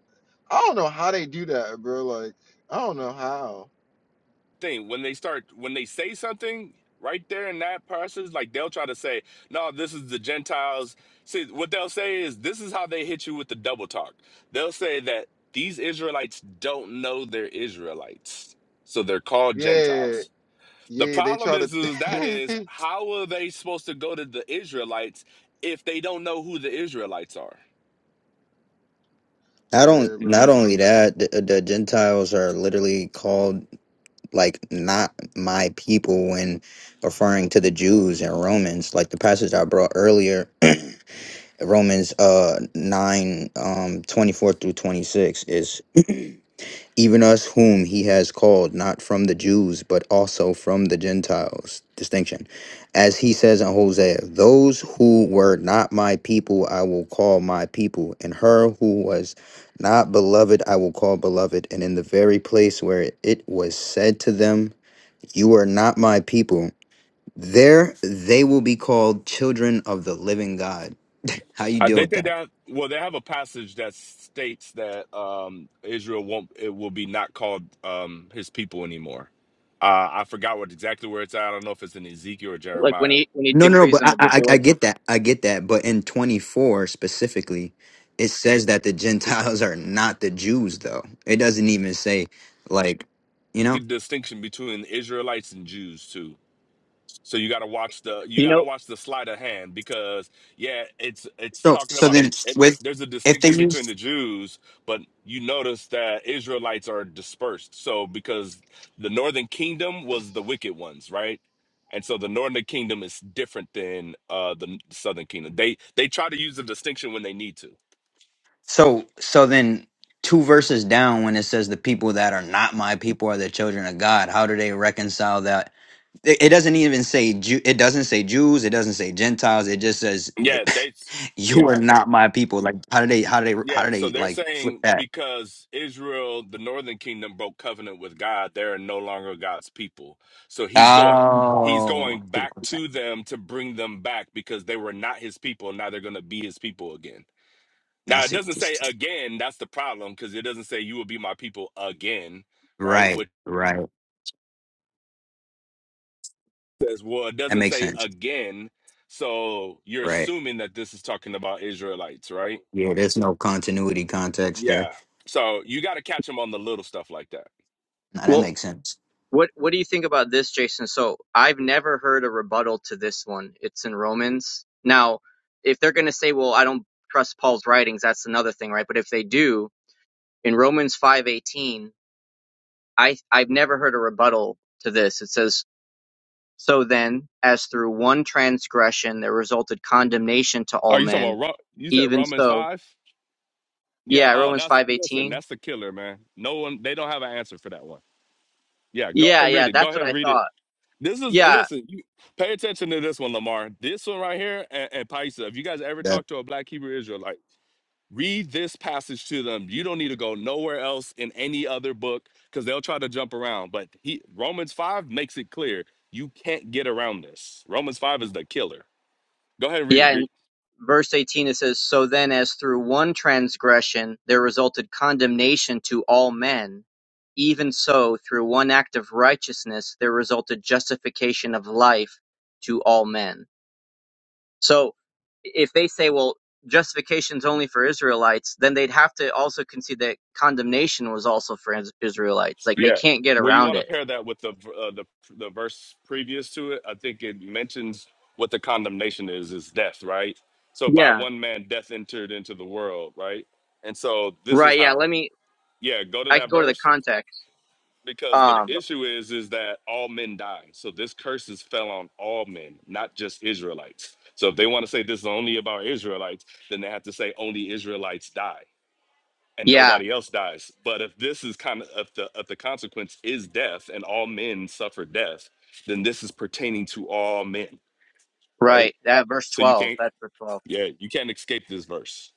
Speaker 1: I don't know how they do that, bro. Like I don't know how.
Speaker 4: thing when they start when they say something right there in that passage like they'll try to say no this is the gentiles see what they'll say is this is how they hit you with the double talk they'll say that these israelites don't know they're israelites so they're called
Speaker 1: Yeah,
Speaker 4: gentiles the
Speaker 1: yeah, they
Speaker 4: problem
Speaker 1: try to.
Speaker 4: is, is that is how are they supposed to go to the israelites if they don't know who the israelites are
Speaker 2: Not on,
Speaker 1: yeah, bro.
Speaker 2: not only that, the, the Gentiles are literally called like not my people when referring to the Jews and Romans. Like the passage I brought earlier Romans uh 9 um 24 through 26 is even us whom he has called not from the Jews but also from the Gentiles distinction as he says in Hosea those who were not my people I will call my people and her who was not beloved I will call beloved and in the very place where it was said to them you are not my people there they will be called children of the living God how you
Speaker 4: I
Speaker 2: deal
Speaker 4: think
Speaker 2: with
Speaker 4: they
Speaker 2: that
Speaker 4: down. Well, they have a passage that states that um, Israel won't. It will be not called um, his people anymore. Uh, I forgot what exactly where it's at. I don't know if it's in Ezekiel or
Speaker 5: Like when
Speaker 4: Jeremiah.
Speaker 5: he when he
Speaker 2: No, no, no.
Speaker 5: decrees
Speaker 2: But
Speaker 5: on
Speaker 2: I,
Speaker 5: the
Speaker 2: I, I
Speaker 5: divorce.
Speaker 2: get that. I get that. But in 24 specifically, it says that the Gentiles are not the Jews, though. It doesn't even say, like, you know.
Speaker 4: Good distinction between Israelites and Jews too. So you got to watch the you
Speaker 5: You
Speaker 4: got to
Speaker 5: know,
Speaker 4: watch the sleight of hand because yeah, it's it's
Speaker 2: So,
Speaker 4: talking
Speaker 2: so
Speaker 4: about the,
Speaker 2: then
Speaker 4: it,
Speaker 2: with
Speaker 4: there's a
Speaker 2: if they
Speaker 4: distinction between
Speaker 2: use
Speaker 4: the Jews, but you notice that Israelites are dispersed. So because the northern kingdom was the wicked ones, right? And so the northern kingdom is different than uh the southern kingdom. They they try to use the distinction when they need to.
Speaker 2: so so then two verses down when it says the people that are not my people are the children of God. How do they reconcile that? It, it doesn't even say Jew. It doesn't say Jews. It doesn't say Gentiles. It just says the,
Speaker 4: Yeah, they
Speaker 2: you
Speaker 4: yeah.
Speaker 2: are not my people. Like, how do they? How do they? How
Speaker 4: Yeah,
Speaker 2: do
Speaker 4: so
Speaker 2: they
Speaker 4: they're
Speaker 2: like flip
Speaker 4: saying
Speaker 2: that?
Speaker 4: because Israel, the northern kingdom, broke covenant with God, they're no longer God's people. So he's going he's
Speaker 2: Oh, I
Speaker 4: going
Speaker 2: see what
Speaker 4: back
Speaker 2: you're saying.
Speaker 4: to them to bring them back because they were not his people. Now they're gonna be his people again.
Speaker 2: I
Speaker 4: Now it
Speaker 2: see what
Speaker 4: doesn't
Speaker 2: you're
Speaker 4: say
Speaker 2: saying.
Speaker 4: again, that's the problem, because it doesn't say you will be my people again, right?
Speaker 2: Right,
Speaker 4: Which
Speaker 2: right.
Speaker 4: says, well, it
Speaker 2: That
Speaker 4: doesn't
Speaker 2: makes
Speaker 4: say
Speaker 2: sense.
Speaker 4: again. So you're
Speaker 2: Right.
Speaker 4: assuming that this is talking about Israelites, right?
Speaker 2: Yeah, there's no continuity context there.
Speaker 4: Yeah. So you gotta catch them on the little stuff like that.
Speaker 2: No, that
Speaker 5: well,
Speaker 2: makes sense.
Speaker 5: what what do you think about this, Jason? So I've never heard a rebuttal to this one. It's in Romans. Now, if they're going to say, "Well, I don't trust Paul's writings," that's another thing, right? But if they do, in Romans five eighteen, I I've never heard a rebuttal to this. It says. So then, as through one transgression there resulted condemnation to
Speaker 4: Oh,
Speaker 5: all
Speaker 4: you talking
Speaker 5: men,
Speaker 4: about Ro- you said
Speaker 5: even
Speaker 4: Romans
Speaker 5: so
Speaker 4: five? Yeah.
Speaker 5: Yeah,
Speaker 4: Oh,
Speaker 5: Romans
Speaker 4: that's listen.
Speaker 5: 5:18.
Speaker 4: That's the killer, man. No one. They don't have an answer for that one. Yeah. Go ahead
Speaker 5: Yeah,
Speaker 4: and read
Speaker 5: yeah,
Speaker 4: it. Go
Speaker 5: that's what
Speaker 4: ahead and
Speaker 5: I
Speaker 4: read it.
Speaker 5: thought.
Speaker 4: This is
Speaker 5: Yeah.
Speaker 4: listen. You pay attention to this one, Lamar. This one right here, and, and Paisa. If you guys ever
Speaker 2: That
Speaker 4: talk to a Black Hebrew Israelite, read this passage to them. You don't need to go nowhere else in any other book because they'll try to jump around. But he, Romans five makes it clear you can't get around this. Romans five is the killer. Go ahead and read it,
Speaker 5: Yeah,
Speaker 4: Greek.
Speaker 5: and verse 18 it says, "So then as through one transgression there resulted condemnation to all men, even so through one act of righteousness there resulted justification of life to all men." So if they say, well, justification's only for Israelites, then they'd have to also concede that condemnation was also for Is- Israelites. Like they
Speaker 4: Yeah.
Speaker 5: can't get
Speaker 4: Well, you
Speaker 5: around
Speaker 4: want to
Speaker 5: it.
Speaker 4: pair that with the uh, the the verse previous to it. I think it mentions what the condemnation is is death, right? So by
Speaker 5: Yeah.
Speaker 4: one man death entered into the world, right? And so this is
Speaker 5: Right, yeah,
Speaker 4: how
Speaker 5: let me
Speaker 4: yeah, go to
Speaker 5: I can
Speaker 4: that
Speaker 5: go to the
Speaker 4: verse
Speaker 5: context.
Speaker 4: because the
Speaker 5: Um,
Speaker 4: issue is is that all men die. So this curse is fell on all men, not just Israelites. So if they want to say this is only about Israelites, then they have to say only Israelites die and
Speaker 5: yeah,
Speaker 4: nobody else dies. But if this is kind of if the if the consequence is death and all men suffer death, then this is pertaining to all men, right?
Speaker 5: right. That verse
Speaker 4: So you
Speaker 5: 12.
Speaker 4: can't
Speaker 5: That's verse 12.
Speaker 4: yeah, you can't escape this verse.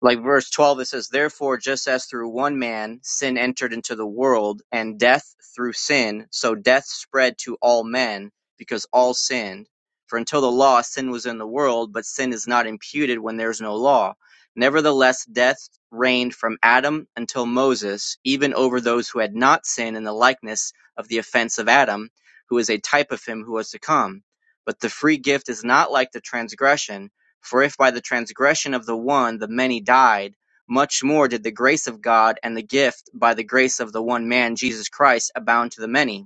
Speaker 5: like verse 12 it says therefore just as through one man sin entered into the world and death through sin so death spread to all men because all sinned for until the law sin was in the world but sin is not imputed when there is no law nevertheless death reigned from adam until moses even over those who had not sinned in the likeness of the offense of adam who is a type of him who was to come but the free gift is not like the transgression for if by the transgression of the one the many died, much more did the grace of God and the gift by the grace of the one man Jesus Christ abound to the many.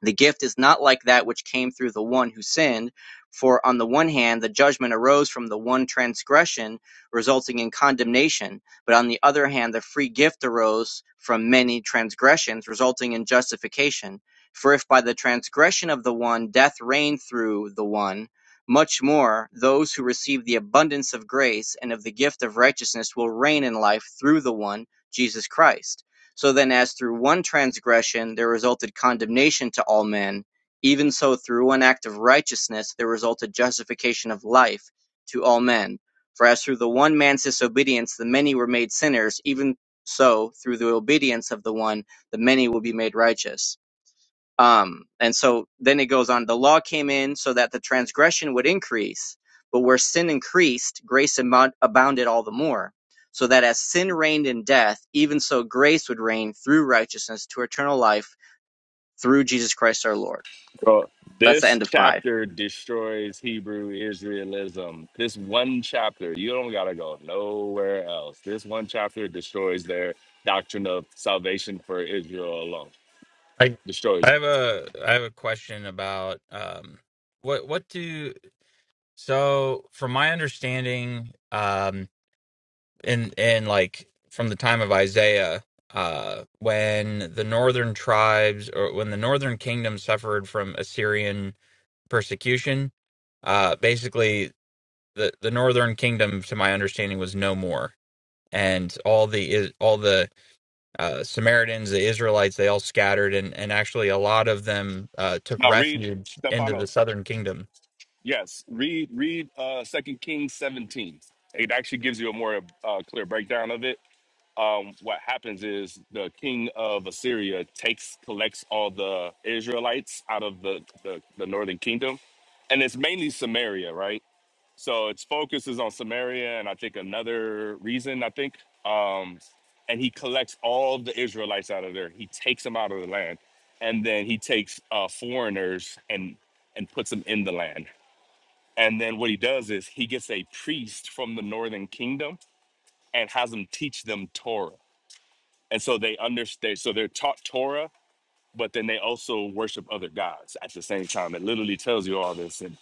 Speaker 5: The gift is not like that which came through the one who sinned, for on the one hand, the judgment arose from the one transgression, resulting in condemnation, but on the other hand, the free gift arose from many transgressions, resulting in justification. For if by the transgression of the one death reigned through the one, much more those who receive the abundance of grace and of the gift of righteousness will reign in life through the one, Jesus Christ. So then as through one transgression there resulted condemnation to all men, even so through one act of righteousness there resulted justification of life to all men. For as through the one man's disobedience the many were made sinners, even so through the obedience of the one the many will be made righteous. Um, and so then it goes on. The law came in so that the transgression would increase, but where sin increased, grace amou- abounded all the more. So that as sin reigned in death, even so grace would reign through righteousness to eternal life through Jesus Christ our Lord.
Speaker 4: Bro,
Speaker 5: That's the
Speaker 4: this
Speaker 5: end of five.
Speaker 4: chapter destroys Hebrew Israelism. This one chapter, you don't gotta go nowhere else. This one chapter destroys their doctrine of salvation for Israel alone.
Speaker 6: I
Speaker 4: Destroys
Speaker 6: I
Speaker 4: it.
Speaker 6: have a I have a question about um what what do so from my understanding um in in like from the time of Isaiah uh when the northern tribes or when the northern kingdom suffered from Assyrian persecution uh basically the the northern kingdom to my understanding was no more and all the all the uh, Samaritans, the Israelites, they all scattered, and, and actually a lot of them uh, took
Speaker 4: Now read
Speaker 6: refuge into the
Speaker 4: Stephanos
Speaker 6: southern kingdom.
Speaker 4: Yes, read read uh Second Kings 17. It actually gives you a more uh, clear breakdown of it. Um, what happens is the king of Assyria takes collects all the Israelites out of the, the the northern kingdom, and it's mainly Samaria, right? So its focus is on Samaria, and I think another reason I think, um, and he collects all of the Israelites out of there. He takes them out of the land, and then he takes uh, foreigners and and puts them in the land. And then what he does is he gets a priest from the northern kingdom and has them teach them Torah. And so they understand, so they're taught Torah, but then they also worship other gods at the same time. It literally tells you all this in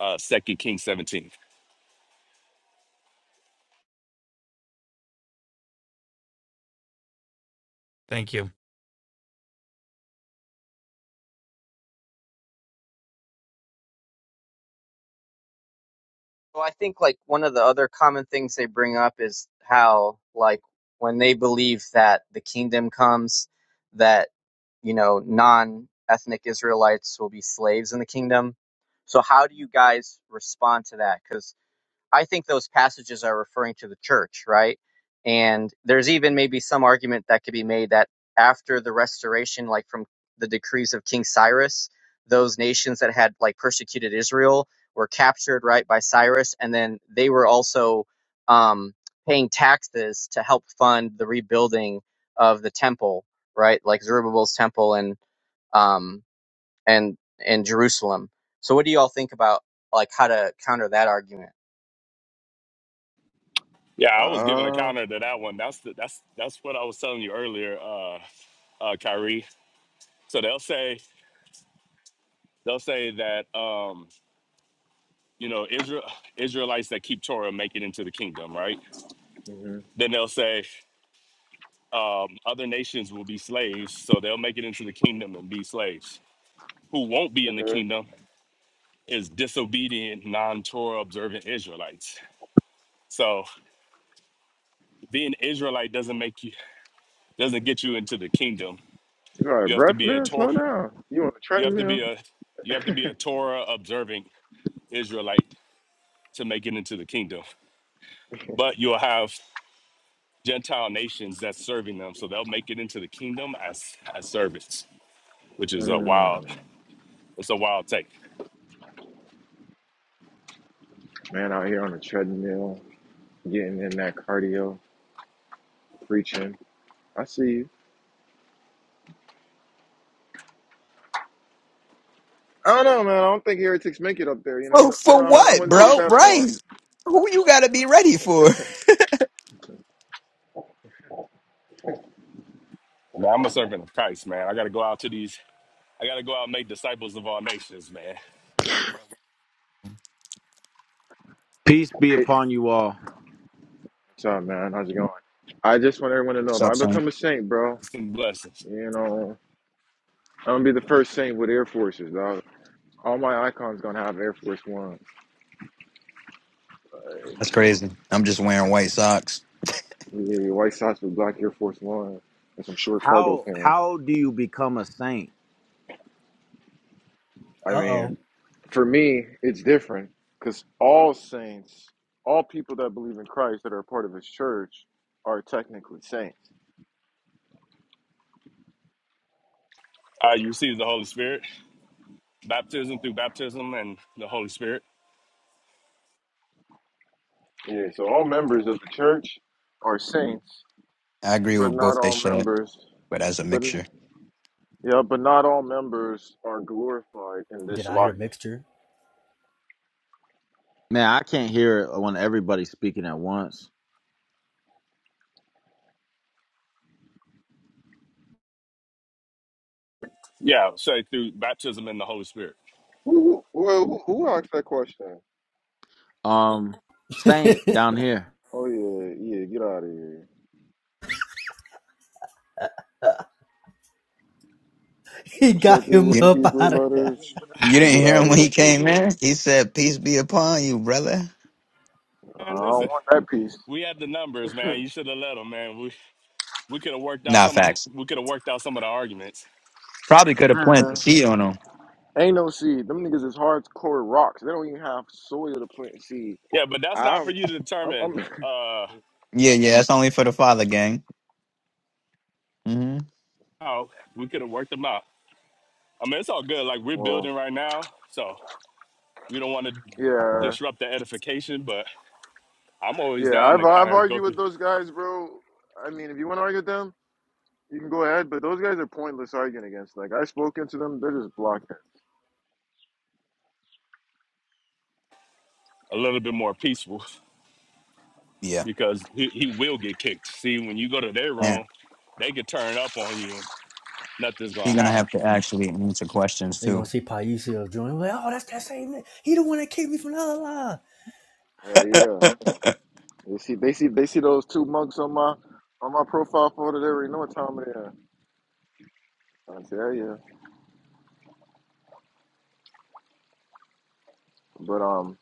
Speaker 4: uh Second Kings 17.
Speaker 6: Thank you.
Speaker 5: Well, I think like one of the other common things they bring up is how like when they believe that the kingdom comes, that you know non-ethnic Israelites will be slaves in the kingdom. So how do you guys respond to that? Because I think those passages are referring to the church, right? And there's even maybe some argument that could be made that after the restoration, like from the decrees of King Cyrus, those nations that had like persecuted Israel were captured, right, by Cyrus, and then they were also um, paying taxes to help fund the rebuilding of the temple, right, like Zerubbabel's temple and um, and and Jerusalem. So, what do you all think about like how to counter that argument?
Speaker 4: Yeah, I was giving a
Speaker 1: Uh,
Speaker 4: counter to that one. That's the, that's that's what I was telling you earlier, uh uh Kyrie. So they'll say they'll say that um, you know, Israel Israelites that keep Torah make it into the kingdom, right?
Speaker 1: mm-hmm,
Speaker 4: Then they'll say um, other nations will be slaves, so they'll make it into the kingdom and be slaves. Who won't be in the
Speaker 1: mm-hmm.
Speaker 4: kingdom is disobedient, non-Torah observant Israelites. So being Israelite doesn't make you doesn't get you into the kingdom.
Speaker 1: You all right,
Speaker 4: You have to
Speaker 1: breath,
Speaker 4: be a
Speaker 1: man? Slow
Speaker 4: Torah.
Speaker 1: down. You on the
Speaker 4: You have to
Speaker 1: treadmill?
Speaker 4: be a you have to be a Torah observing Israelite to make it into the kingdom. But you'll have Gentile nations that's serving them, so they'll make it into the kingdom as as servants, which is a wild.
Speaker 1: Mm,
Speaker 4: It's a wild take.
Speaker 1: man, out here on the treadmill, getting in that cardio, preaching. I see you. I don't know, man. I don't think heretics make it up there. You
Speaker 2: for,
Speaker 1: know, I,
Speaker 2: for
Speaker 1: I, I
Speaker 2: what,
Speaker 1: wouldn't take it
Speaker 2: bro?
Speaker 1: that
Speaker 2: Right.
Speaker 1: far. I don't-
Speaker 2: Who you gotta be ready for?
Speaker 4: Man, I'm a servant of Christ, man. I gotta go out to these. I gotta go out and make disciples of all nations, man.
Speaker 7: Peace be
Speaker 1: I don't- Hey,
Speaker 7: upon you all.
Speaker 1: what's up, man? How's it going? I just want everyone to know if I
Speaker 2: Stop saying.
Speaker 1: become a saint, bro,
Speaker 4: Some blessings.
Speaker 1: you know, I'm gonna be the first saint with Air Forces, dog. All my icons gonna have Air Force One.
Speaker 2: That's crazy. I'm just wearing white socks.
Speaker 1: Yeah, white socks with black Air Force One and some short cargo
Speaker 7: How
Speaker 1: pants.
Speaker 7: how do you become a saint?
Speaker 1: I
Speaker 3: Uh oh.
Speaker 1: mean, for me, it's different because all saints, all people that believe in Christ that are a part of His church, are technically saints.
Speaker 4: Uh, you receive the Holy Spirit, baptism through baptism and the Holy Spirit.
Speaker 1: Yeah, so all members of the church are saints,
Speaker 2: I agree
Speaker 1: but
Speaker 2: with
Speaker 1: not
Speaker 2: both they
Speaker 1: all
Speaker 2: said.
Speaker 1: members,
Speaker 2: but as a
Speaker 1: but
Speaker 2: mixture.
Speaker 1: yeah, but not all members are glorified in
Speaker 3: Did
Speaker 1: this
Speaker 3: I hear
Speaker 1: life.
Speaker 3: mixture?
Speaker 7: Man, I can't hear it when everybody's speaking at once.
Speaker 4: Yeah, say through baptism and the Holy Spirit.
Speaker 1: Who, who, well, who, who asked that question?
Speaker 7: Um, saint down here.
Speaker 1: Oh yeah, yeah, get out of here.
Speaker 3: he
Speaker 1: What's
Speaker 3: got
Speaker 1: that dude
Speaker 3: him
Speaker 1: with
Speaker 2: You,
Speaker 1: the
Speaker 3: up
Speaker 1: Hebrew
Speaker 3: out of
Speaker 1: letters?
Speaker 2: you
Speaker 1: You
Speaker 2: didn't
Speaker 1: get
Speaker 2: hear
Speaker 1: out of
Speaker 2: him when
Speaker 1: here
Speaker 2: he
Speaker 1: too,
Speaker 2: came
Speaker 1: bro.
Speaker 2: in? He said, Peace be upon you, brother.
Speaker 1: I
Speaker 4: And
Speaker 1: don't
Speaker 4: listen,
Speaker 1: want that piece.
Speaker 4: we had the numbers, man. You should have let them, man. We we could have worked out
Speaker 2: Nah,
Speaker 4: some. Of,
Speaker 2: facts.
Speaker 4: we could have worked out some of the arguments.
Speaker 2: Probably could have planted a
Speaker 1: Man,
Speaker 2: seed on him.
Speaker 1: ain't no seed. Them niggas is hardcore rocks. They don't even have soil to plant seed.
Speaker 4: Yeah, but that's not for
Speaker 1: I'm,
Speaker 4: you to
Speaker 1: I'm,
Speaker 4: determine.
Speaker 1: I'm
Speaker 4: Uh,
Speaker 2: Yeah, yeah, that's only for the father, gang. hmm
Speaker 4: how we could have worked them out. I mean, it's all good. Like we're
Speaker 1: well,
Speaker 4: building right now, so we don't want to
Speaker 1: yeah.
Speaker 4: disrupt the edification, but. I'm always
Speaker 1: Yeah,
Speaker 4: down
Speaker 1: I've
Speaker 4: to kind
Speaker 1: I've
Speaker 4: of go
Speaker 1: argued
Speaker 4: through
Speaker 1: with those guys, bro. I mean, if you want to argue with them, you can go ahead. But those guys are pointless arguing against. Like I've spoken to them, they're just blocking.
Speaker 4: a little bit more peaceful
Speaker 2: Yeah.
Speaker 4: because he, he will get kicked. See, when you go to their
Speaker 2: And
Speaker 4: room, they could turn up on you and nothing's
Speaker 2: he's
Speaker 4: gonna
Speaker 2: going to
Speaker 4: happen.
Speaker 2: have to actually answer questions,
Speaker 3: They're gonna
Speaker 2: too.
Speaker 3: see Paisio join. Like, oh, that's that same. nigga. He the one that kicked me from the other line.
Speaker 1: Yeah, yeah. They see, they see, they see those two monks on my on my profile photo. They already know what time it is. I say, Yeah, yeah. But um,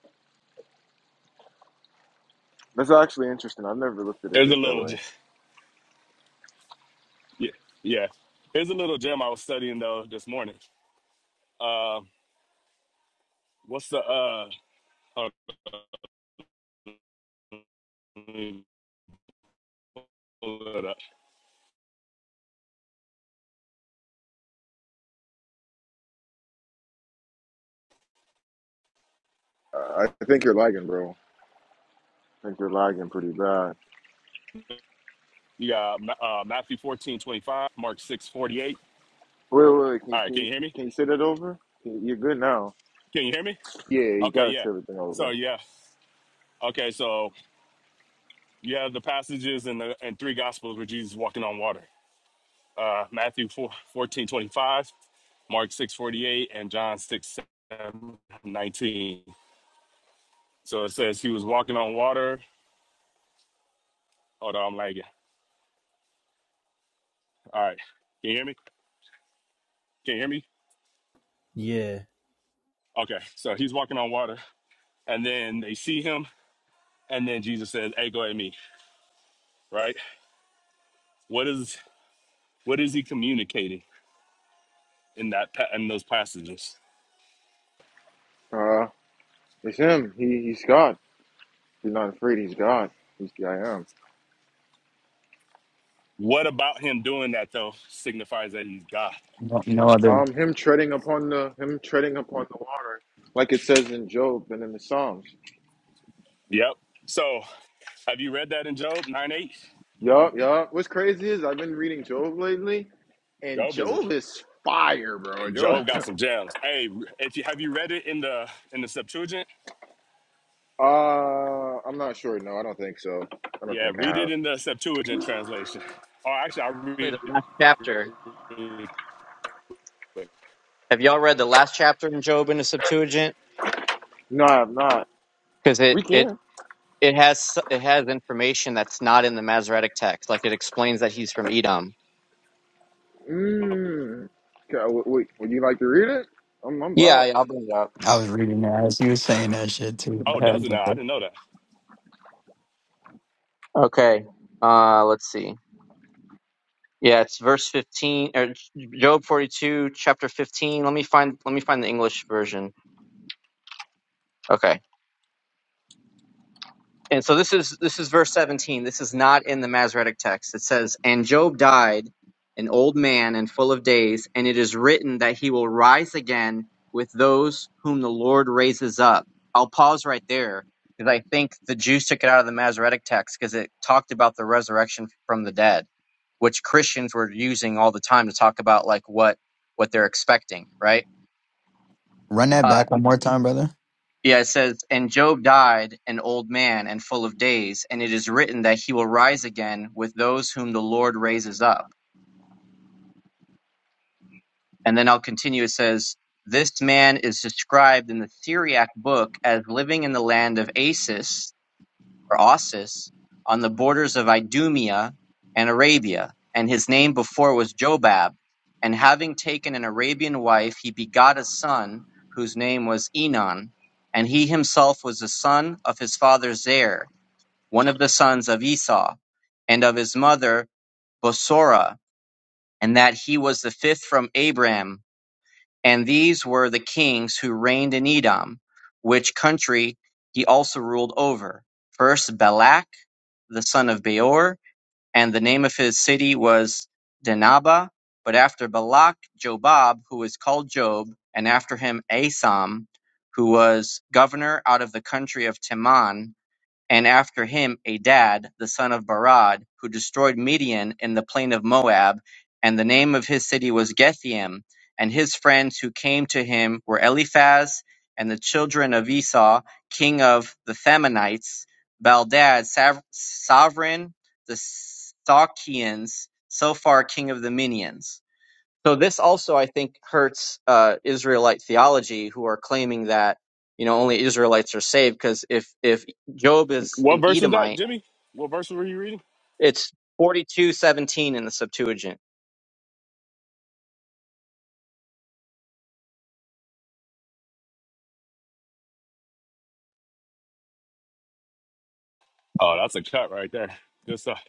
Speaker 1: that's actually interesting. I've never looked at it
Speaker 4: There's a
Speaker 1: that, that
Speaker 4: little,
Speaker 1: way.
Speaker 4: j- yeah, yeah. Here's a little gem I was studying though this morning. Uh, what's the uh? hold on, let me pull it up.
Speaker 1: Uh, I think you're lagging, bro. I think you're lagging pretty bad.
Speaker 4: You got Ma- uh, Matthew 14:25, Mark 6:48.
Speaker 1: Wait, wait, wait. Can
Speaker 4: All
Speaker 1: you
Speaker 4: right,
Speaker 1: can
Speaker 4: can
Speaker 1: you,
Speaker 4: you hear me?
Speaker 1: can you say that over? You're good now.
Speaker 4: Can you hear me?
Speaker 1: Yeah, you
Speaker 4: Okay,
Speaker 1: gotta
Speaker 4: yeah.
Speaker 1: say everything
Speaker 4: So
Speaker 1: over.
Speaker 4: yeah, okay. So you have the passages in the in three gospels where Jesus is walking on water uh, Matthew 4, Mark 6 48, and John 6, nineteen. So it says he was walking on water. Hold on, I'm lagging. All right. Can you hear me? Can you hear me?
Speaker 3: Yeah,
Speaker 4: Okay. So he's walking on water. And then they see him. And then Jesus says, Hey, go at me. Right? What is what is he communicating in that pa- in those passages?
Speaker 1: Uh, it's him. He he's Scott. He's not afraid. He's God. He's the I am.
Speaker 4: What about him doing that though signifies that he's God?
Speaker 2: No, no other.
Speaker 1: Um, him treading upon the him treading upon the water, like it says in Job and in the Psalms.
Speaker 4: Yep. So have you read that in Job 9 8?
Speaker 1: Yup, yup. What's crazy is I've been reading Job lately, and
Speaker 4: Job is
Speaker 1: Job is fire, bro. Job.
Speaker 4: Job got some gems. Hey, if you have you read it in the in the Septuagint?
Speaker 1: Uh, I'm not sure. No, I don't think so. I don't
Speaker 4: Yeah,
Speaker 1: think I
Speaker 4: read it
Speaker 1: have.
Speaker 4: in the Septuagint translation. Oh, actually, I read
Speaker 5: the last chapter.
Speaker 4: it really quick.
Speaker 5: Have y'all read the last chapter in Job in the Septuagint?
Speaker 1: No, I have not.
Speaker 5: Because it
Speaker 1: We
Speaker 5: it
Speaker 1: can.
Speaker 5: it has it has information that's not in the Masoretic text. Like it explains that he's from Edom.
Speaker 1: Mmm. Wait, wait, would you like to read it? I'm, I'm
Speaker 5: Yeah,
Speaker 1: about.
Speaker 5: yeah I'll bring it up.
Speaker 2: I was reading that as you were saying that shit too.
Speaker 4: Oh, it does it now? I didn't know that.
Speaker 5: Okay. Uh, let's see. Yeah, it's verse fifteen or Job forty two, chapter fifteen. Let me find let me find the English version. Okay. And so this is this is verse 17. This is not in the Masoretic text. It says, "And Job died an old man and full of days, and it is written that he will rise again with those whom the Lord raises up." I'll pause right there because I think the Jews took it out of the Masoretic text because it talked about the resurrection from the dead, which Christians were using all the time to talk about like what what they're expecting, right?
Speaker 2: Run that
Speaker 5: Uh,
Speaker 2: back one more time, brother.
Speaker 5: yeah, it says, And Job died an old man and full of days, and it is written that he will rise again with those whom the Lord raises up. And then I'll continue. It says, This man is described in the Syriac book as living in the land of Asis or Osis on the borders of Idumea and Arabia. And his name before was Jobab. And having taken an Arabian wife, he begot a son whose name was Enon. And he himself was the son of his father Zer one of the sons of Esau, and of his mother Bosorah, and that he was the fifth from Abram. And these were the kings who reigned in Edom, which country he also ruled over. First Balak, the son of Beor, and the name of his city was Dinaba. But after Balak, Jobab, who was called Job, and after him Asam, who was governor out of the country of Teman, and after him Adad the son of Barad, who destroyed Midian in the plain of Moab, and the name of his city was Gethaim. And his friends who came to him were Eliphaz and the children of Esau, king of the Themanites, Baldad, sav- sovereign, the Sakians, Sophar, king of the Minians. So this also, I think, hurts uh, Israelite theology, who are claiming that you know only Israelites are saved. Because if if Job is
Speaker 4: What
Speaker 5: an
Speaker 4: verse is that,
Speaker 5: Edomite,
Speaker 4: Jimmy? What verse were you reading?
Speaker 5: it's forty two seventeen in the Septuagint.
Speaker 4: Oh, that's a cut right there. Good stuff.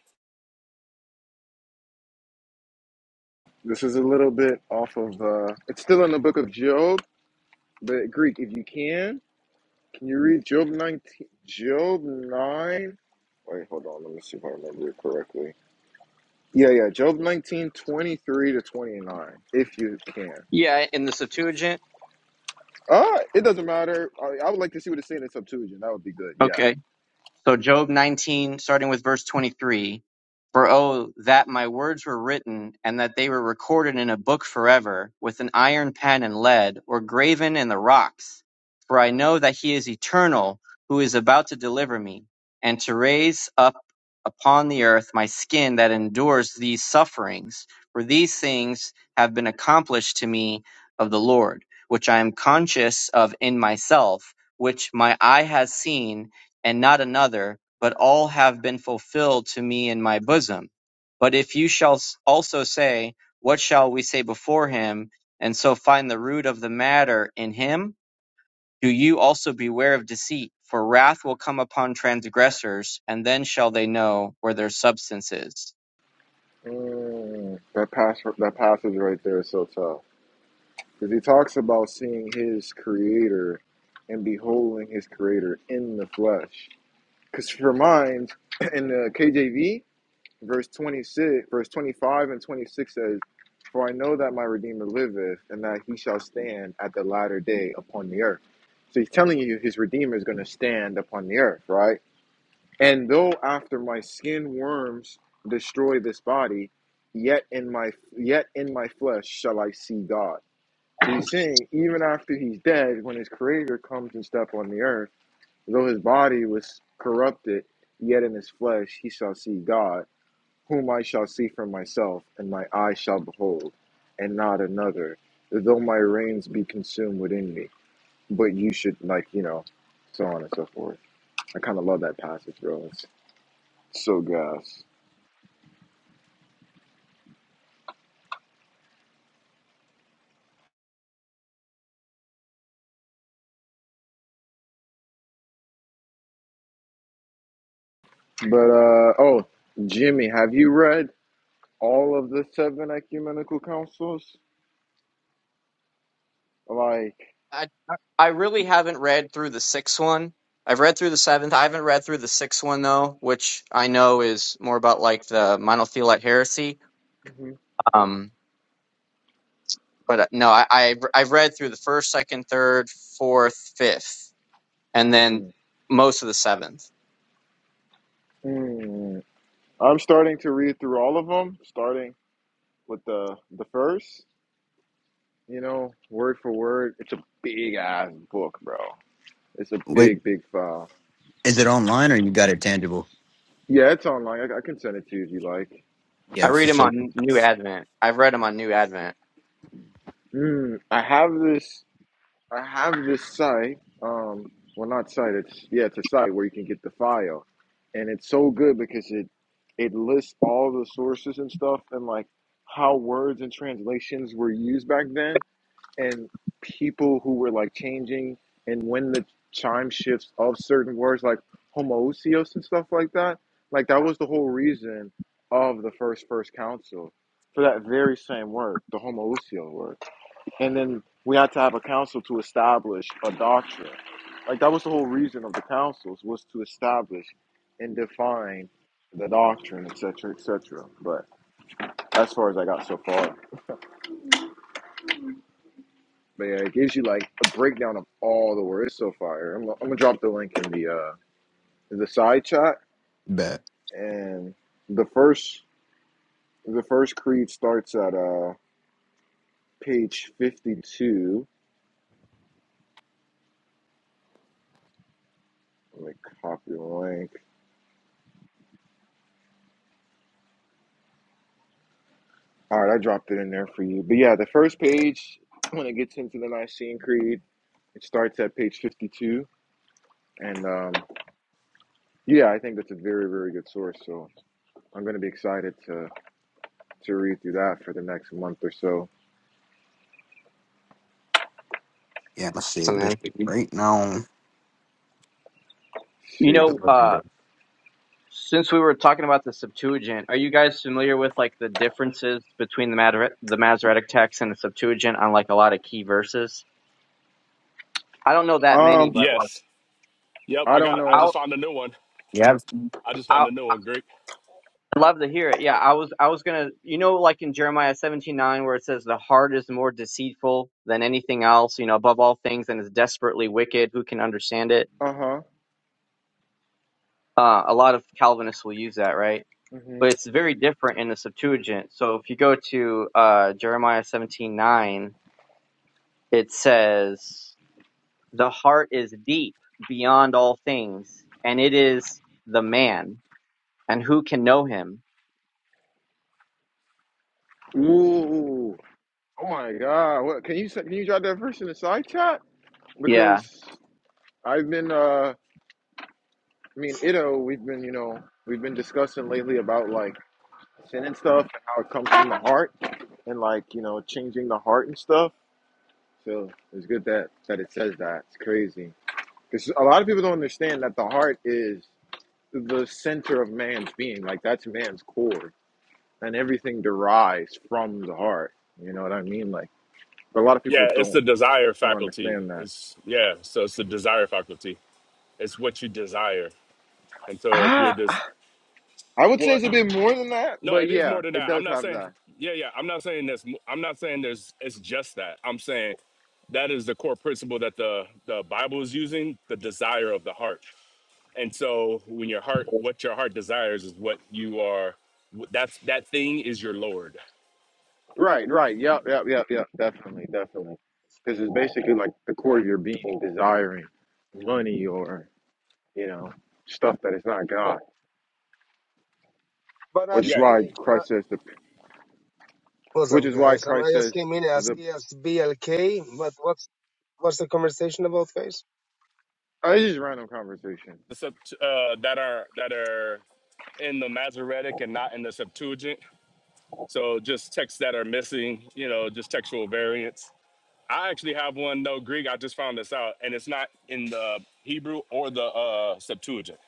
Speaker 1: This is a little bit off of. Uh, it's still in the book of Job, but Greek, if you can. Can you read Job 19? Job 9? Wait, hold on. Let me see if I remember it correctly. Yeah, yeah. Job 19 23 to 29, if you can.
Speaker 5: Yeah, in the Septuagint.
Speaker 1: Uh, it doesn't matter. I, I would like to see what it's saying in Septuagint. That would be good. Yeah.
Speaker 5: Okay. So Job 19, starting with verse 23, for oh, that my words were written and that they were recorded in a book forever with an iron pen and lead or graven in the rocks. For I know that he is eternal who is about to deliver me and to raise up upon the earth my skin that endures these sufferings. For these things have been accomplished to me of the Lord, which I am conscious of in myself, which my eye has seen and not another, but all have been fulfilled to me in my bosom. But if you shall also say, What shall we say before him? and so find the root of the matter in him, do you also beware of deceit? For wrath will come upon transgressors, and then shall they know where their substance is.
Speaker 1: Mm, that, pass, that passage right there is so tough. Because he talks about seeing his creator and beholding his creator in the flesh. Because for mine, in the KJV, verse 26, verse 25 and 26 says, For I know that my Redeemer liveth, and that he shall stand at the latter day upon the earth. So he's telling you his Redeemer is going to stand upon the earth, right? And though after my skin worms destroy this body, yet in my yet in my flesh shall I see God. So he's saying even after he's dead, when his creator comes and step on the earth, though his body was corrupted, yet in his flesh he shall see God whom I shall see for myself, and my eye shall behold, and not another, though my reins be consumed within me. But you should, like, you know, so on and so forth. I kind of love that passage, bro. It's so gas. But, uh, oh, Jimmy, have you read all of the seven ecumenical councils? Like,
Speaker 5: I, I really haven't read through the sixth one. I've read through the seventh. I haven't read through the sixth one though, which I know is more about like the monothelite heresy.
Speaker 1: mhm,
Speaker 5: Um. but uh, no, I, I've I've read through the first, second, third, fourth, fifth, and then
Speaker 1: mm,
Speaker 5: most of the seventh.
Speaker 1: mm. I'm starting to read through all of them, starting with the the first. you know, word for word. It's a big ass book, bro. It's a
Speaker 2: Wait,
Speaker 1: big, big file.
Speaker 2: is it online or you got it tangible?
Speaker 1: Yeah, it's online. I, I can send it to you if you like.
Speaker 5: I
Speaker 2: Yeah, for
Speaker 5: read them
Speaker 2: sure.
Speaker 5: on New Advent. I've read them on New Advent.
Speaker 1: Mm, I have this. I have this site. Um, well, not site. It's yeah, it's a site where you can get the file, and it's so good because it it lists all the sources and stuff and like how words and translations were used back then and people who were like changing and when the chime shifts of certain words like homoousios and stuff like that like that was the whole reason of the first first council for that very same word the homousio word and then we had to have a council to establish a doctrine like that was the whole reason of the councils was to establish and define the doctrine etc etc but as far as i got so far But yeah, it gives you like a breakdown of all the words. It's so fire. I'm, gonna- I'm gonna drop the link in the uh in the side chat,
Speaker 2: Bet.
Speaker 1: and the first the first creed starts at uh page 52. Let me copy the link. All right, I dropped it in there for you. But yeah, the first page when it gets into the Nicene Creed, it starts at page 52, and um yeah, I think that's a very very good source. So I'm gonna be excited to to read through that for the next month or so.
Speaker 2: Yeah, I'm gonna
Speaker 5: So
Speaker 2: save this
Speaker 5: man,
Speaker 2: right now.
Speaker 5: you
Speaker 1: See.
Speaker 2: Good
Speaker 5: know,
Speaker 2: looking, bro.
Speaker 5: uh, since we were talking about the Septuagint, are you guys familiar with like the differences between the Mater- the Masoretic text and the Septuagint on like a lot of key verses? I don't know that many,
Speaker 1: Um,
Speaker 5: but like,
Speaker 4: Yes. Yep.
Speaker 1: I
Speaker 4: I
Speaker 1: don't
Speaker 4: got it. I
Speaker 1: know.
Speaker 4: just
Speaker 5: I'll.
Speaker 4: found a new one.
Speaker 2: Yeah.
Speaker 4: I just found a new one. Greek.
Speaker 5: I'd love to hear it. Yeah, I was I was gonna you know like in Jeremiah seventeen nine where it says the heart is more deceitful than anything else, you know, above all things and is desperately wicked, who can understand it?
Speaker 1: Uh huh.
Speaker 5: Uh, a lot of Calvinists will use that, right?
Speaker 1: hmm
Speaker 5: But it's very different in the Septuagint. So if you go to uh, Jeremiah seventeen nine, it says the heart is deep beyond all things, and it is the man, and who can know him?
Speaker 1: Ooh. Oh my God. What can you say- can you drop that verse in the side chat?
Speaker 5: Yeah.
Speaker 1: Because I've been uh, me and Ito, we've been you know we've been discussing lately about like sin and stuff and how it comes from the heart and like you know changing the heart and stuff. So it's good that that it says that. It's crazy because a lot of people don't understand that the heart is the center of man's being. Like that's man's core. and everything derives from the heart. You know what I mean? Like, but a lot of people
Speaker 4: Yeah, it's
Speaker 1: don't
Speaker 4: the desire
Speaker 1: don't
Speaker 4: faculty.
Speaker 1: understand that.
Speaker 4: It's yeah. So it's the desire faculty. It's what you desire. And so if you're
Speaker 1: Ah,
Speaker 4: just
Speaker 1: I would say
Speaker 4: what
Speaker 1: it's a bit more than that,
Speaker 4: No,
Speaker 1: but
Speaker 4: it is
Speaker 1: yeah,
Speaker 4: more than
Speaker 1: it
Speaker 4: that. I'm
Speaker 1: does
Speaker 4: not
Speaker 1: have
Speaker 4: saying,
Speaker 1: that.
Speaker 4: yeah, yeah. I'm not saying this. I'm not saying there's. It's just that. I'm saying that is the core principle that the the Bible is using, the desire of the heart. And so, when your heart, what your heart desires, is what you are. That's that thing is your Lord.
Speaker 1: Right, right. Yep, yep, yep, yep. Definitely, definitely. Because it's basically like the core of your being desiring money or you know stuff that is not God,
Speaker 8: But I,
Speaker 1: which
Speaker 4: Yeah,
Speaker 1: is why
Speaker 8: it's not
Speaker 1: Christ says the,
Speaker 8: what's
Speaker 1: which
Speaker 8: up,
Speaker 1: is why
Speaker 8: guys? I'm,
Speaker 1: Christ
Speaker 8: I
Speaker 1: says
Speaker 8: just came in as
Speaker 1: the.
Speaker 8: CSBLK, but what's what's the conversation about, guys?
Speaker 1: Oh, it's just random conversation.
Speaker 4: the sub, uh, that are that are in the Masoretic and not in the Septuagint. So just texts that are missing, you know, just textual variants. I actually have one no Greek. I just found this out, and it's not in the Hebrew or the uh, Septuagint.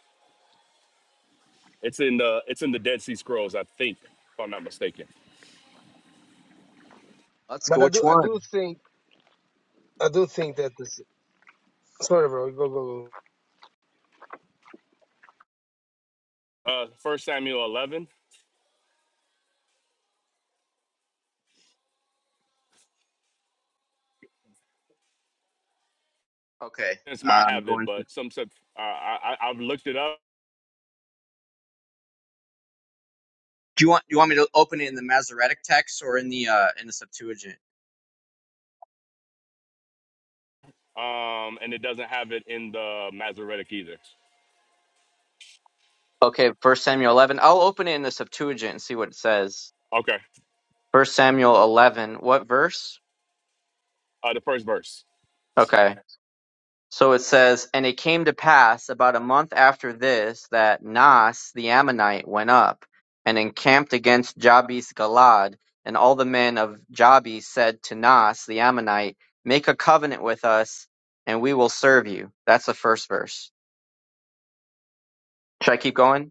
Speaker 4: It's in the it's in the Dead Sea Scrolls, I think, if I'm not mistaken.
Speaker 5: Let's go
Speaker 8: But I
Speaker 5: which
Speaker 8: do I do
Speaker 5: one?
Speaker 8: think I do think that this. Sorry, bro. Go go go.
Speaker 4: Uh, First Samuel 11.
Speaker 5: Okay.
Speaker 4: This might
Speaker 5: Uh, I'm
Speaker 4: have it,
Speaker 5: going.
Speaker 4: but some uh, I, I I've looked it up,
Speaker 5: Do you want you want me to open it in the Masoretic text or in the uh in the Septuagint?
Speaker 4: um, and it doesn't have it in the Masoretic either.
Speaker 5: Okay, First Samuel 11. I'll open it in the Septuagint and see what it says.
Speaker 4: Okay,
Speaker 5: First Samuel 11. What verse?
Speaker 4: uh, the first verse.
Speaker 5: Okay. So it says, And it came to pass about a month after this that Nas the Ammonite went up and encamped against Jabes Galad. And all the men of Jabes said to Nas the Ammonite, Make a covenant with us, and we will serve you. That's the first verse. Should I keep going?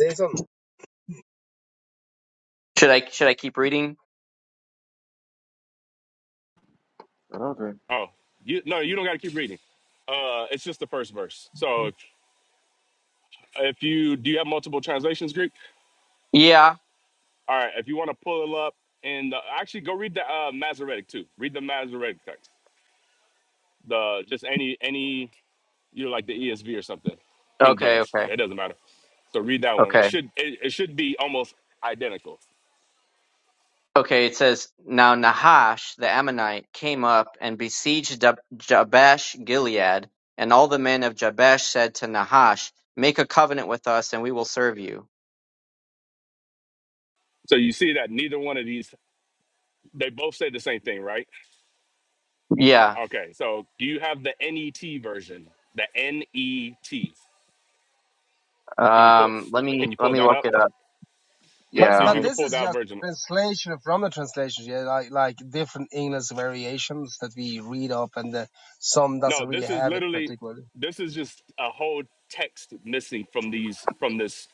Speaker 8: Jason.
Speaker 5: Should I should I keep reading?
Speaker 1: Okay.
Speaker 4: Oh, you no, you don't got to keep reading. Uh, it's just the first verse. So, if you do you have multiple translations, Greek?
Speaker 5: Yeah.
Speaker 4: All right, if you want to pull it up and uh, actually go read the uh, Masoretic too. Read the Masoretic text. The just any any you know like the ESV or something, King
Speaker 5: Okay,
Speaker 4: James.
Speaker 5: okay.
Speaker 4: It doesn't matter. So read that one. It
Speaker 5: Okay.
Speaker 4: should it, it should be almost identical.
Speaker 5: Okay, it says now Nahash the Ammonite came up and besieged Jab- Jabesh Gilead, and all the men of Jabesh said to Nahash, "Make a covenant with us and we will serve you."
Speaker 4: So you see that neither one of these they both say the same thing, right?
Speaker 5: Yeah.
Speaker 4: Okay. So do you have the NET version? The NET. Can you pull
Speaker 5: Um let me
Speaker 4: Can you
Speaker 5: let
Speaker 4: pull
Speaker 5: me
Speaker 4: that
Speaker 5: look
Speaker 4: up?
Speaker 5: it up.
Speaker 4: Yeah.
Speaker 8: But
Speaker 4: See
Speaker 5: Yeah,
Speaker 4: if
Speaker 5: let
Speaker 8: but
Speaker 4: you
Speaker 5: me
Speaker 4: can
Speaker 8: this
Speaker 4: pull
Speaker 8: is
Speaker 4: that
Speaker 8: just
Speaker 4: version
Speaker 8: translation from the translation. Yeah, like like different English variations that we read up, and uh, some
Speaker 4: No,
Speaker 8: doesn't really
Speaker 4: this is
Speaker 8: have it
Speaker 4: literally
Speaker 8: particularly.
Speaker 4: this is just a whole text missing from these from this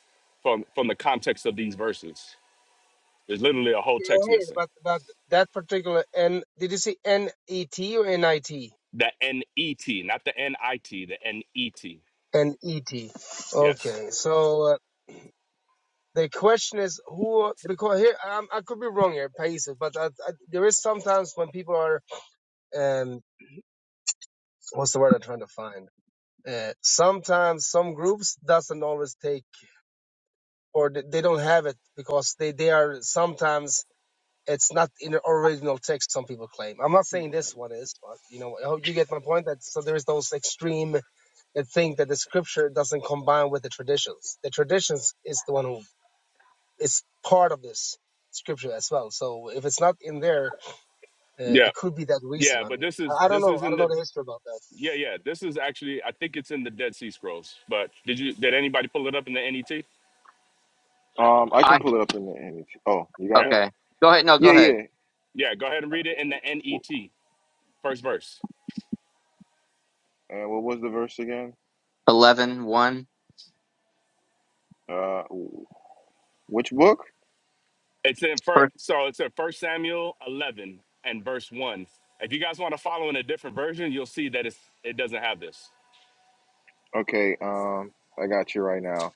Speaker 4: from from the context of these verses. There's literally a whole
Speaker 8: Yeah,
Speaker 4: text
Speaker 8: I heard,
Speaker 4: missing.
Speaker 8: but but that particular N. Did you see N E T or N I T?
Speaker 4: The N E T, not the N I T, the N E T.
Speaker 8: N E T.
Speaker 4: Yes.
Speaker 8: Okay, so. Uh, The question is who, because here I'm, I could be wrong here, Paisa, but I, I, there is sometimes when people are, um, what's the word I'm trying to find? Uh, sometimes some groups doesn't always take or th- they don't have it because they, they are sometimes it's not in the original text. Some people claim. I'm not saying this one is, but you know, I hope you get my point. That so there is those extreme that think that the scripture doesn't combine with the traditions. The traditions is the one who It's part of this scripture as well. So if it's not in there, uh,
Speaker 4: Yeah.
Speaker 8: it could be that reason.
Speaker 4: Yeah,
Speaker 8: I
Speaker 4: but
Speaker 8: mean,
Speaker 4: this is
Speaker 8: I, I don't
Speaker 4: this
Speaker 8: know.
Speaker 4: is
Speaker 8: I
Speaker 4: in
Speaker 8: don't
Speaker 4: the
Speaker 8: know the history about that.
Speaker 4: yeah, yeah. This is actually I think it's in the Dead Sea Scrolls. But did you did anybody pull it up in the NET?
Speaker 1: Um, I can
Speaker 5: I
Speaker 1: pull it up in the image. Oh, you got
Speaker 4: Yeah.
Speaker 1: it?
Speaker 5: okay. Go ahead. No, go
Speaker 1: Yeah,
Speaker 5: ahead.
Speaker 1: yeah.
Speaker 4: Yeah, go ahead and read it in the NET, first verse.
Speaker 1: And what was the verse again?
Speaker 5: Eleven one.
Speaker 1: Uh, which book?
Speaker 4: It's in first,
Speaker 5: First,
Speaker 4: so it's in First Samuel eleven and verse one. If you guys want to follow in a different version, you'll see that it's it doesn't have this.
Speaker 1: Okay, um, I got you right now.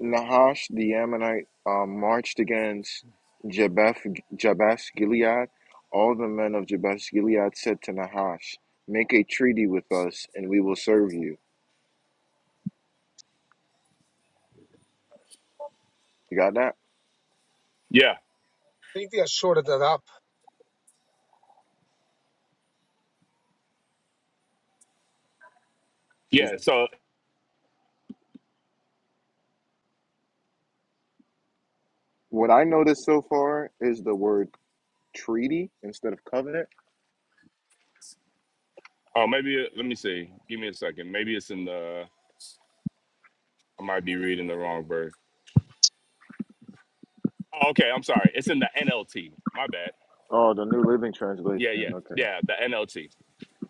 Speaker 1: Nahash the Ammonite um, marched against Jabesh, Jabesh Gilead. All the men of Jabesh Gilead said to Nahash, "Make a treaty with us, and we will serve you." You got that?
Speaker 4: Yeah,
Speaker 8: I think they are shorted that up.
Speaker 4: yeah. So
Speaker 1: What I noticed so far is the word treaty instead of covenant.
Speaker 4: oh, maybe it- let me see. Give me a second. Maybe it's in the. I might be reading the wrong verse. Oh, okay, I'm sorry. It's in the NLT. My bad.
Speaker 1: Oh, the New Living
Speaker 4: Yeah, yeah,
Speaker 1: Translation. Okay,
Speaker 4: yeah. The NLT.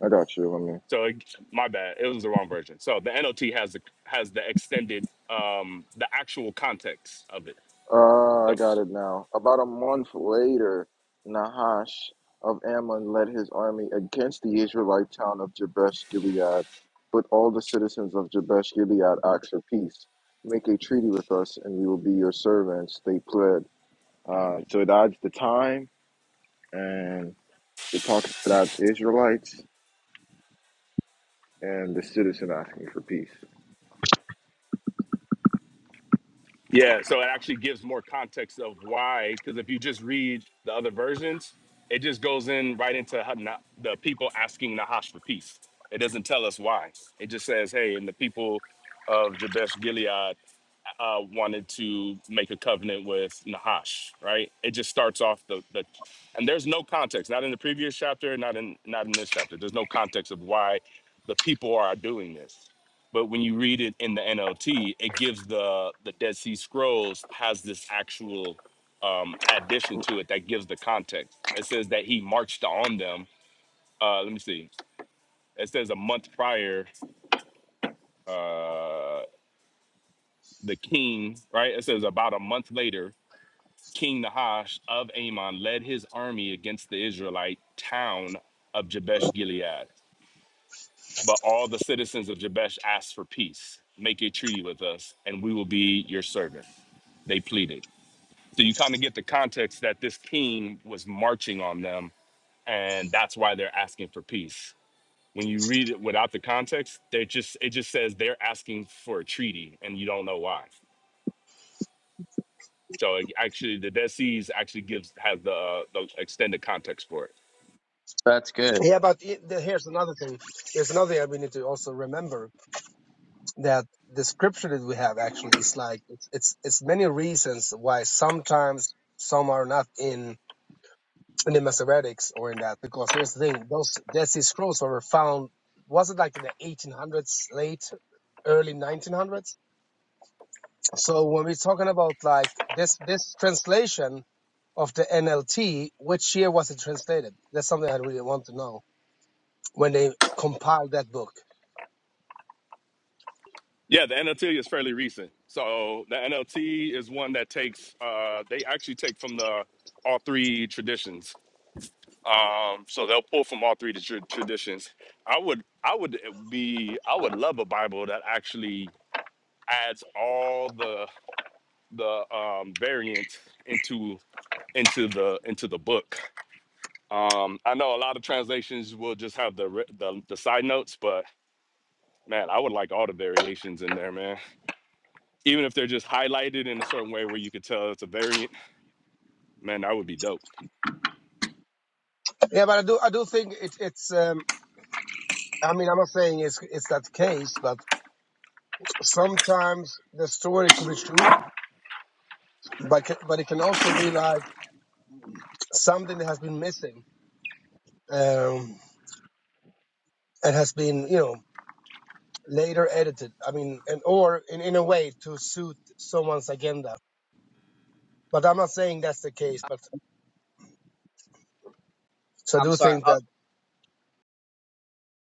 Speaker 1: I got you. Let me.
Speaker 4: So it, my bad. It was the wrong version. So the NLT has the has the extended um the actual context of it.
Speaker 1: Uh, I
Speaker 4: So.
Speaker 1: got it now. About a month later, Nahash of Ammon led his army against the Israelite town of Jabesh Gilead, but all the citizens of Jabesh Gilead asked for peace. Make a treaty with us, and we will be your servants. They pled. Uh, so that's the time, and it talks that's Israelites and the citizen asking for peace.
Speaker 4: Yeah, so it actually gives more context of why, because if you just read the other versions, it just goes in right into Ha- Na- the people asking Nahash for peace. It doesn't tell us why. It just says, hey, and the people of Jabesh Gilead uh, wanted to make a covenant with Nahash, right? It just starts off the, the and there's no context, not in the previous chapter, not in not in this chapter. There's no context of why the people are doing this. But when you read it in the NLT, it gives the the Dead Sea Scrolls has this actual um, addition to it that gives the context. It says that he marched on them. Uh, let me see. It says a month prior, uh, the king, right? It says about a month later, King Nahash of Ammon led his army against the Israelite town of Jabesh Gilead. But all the citizens of Jabesh asked for peace. Make a treaty with us, and we will be your servant. They pleaded. So you kind of get the context that this king was marching on them, and that's why they're asking for peace. When you read it without the context, they just it just says they're asking for a treaty, and you don't know why. So it actually, the Dead Seas actually gives has the uh, the extended context for it.
Speaker 5: that's good.
Speaker 8: Yeah, but it, the, here's another thing. Here's another thing we need to also remember that the scripture that we have actually is like it's it's, it's many reasons why sometimes some are not in in the Masoretics or in that. Because here's the thing: those Dead Sea Scrolls were found. Was it like in the 1800s, late early 1900s? So when we're talking about like this this translation of the NLT, which year was it translated? That's something I really want to know when they compiled that book.
Speaker 4: Yeah, the NLT is fairly recent. So the NLT is one that takes uh they actually take from the all three traditions. Um so they'll pull from all three tra- traditions. I would I would be I would love a Bible that actually adds all the the um variants into into the into the book. Um I know a lot of translations will just have the re- the, the side notes, but man, I would like all the variations in there, man. even if they're just highlighted in a certain way where you could tell it's a variant, man, that would be dope.
Speaker 8: Yeah, but I do I do think it, it's um, I mean I'm not saying it's it's that case, but sometimes the story could be true, but ca- but it can also be like something that has been missing um, and has been you know later edited. I mean, and or in, in a way to suit someone's agenda. But I'm not saying that's the case. But So I
Speaker 5: I'm
Speaker 8: do
Speaker 5: sorry.
Speaker 8: think that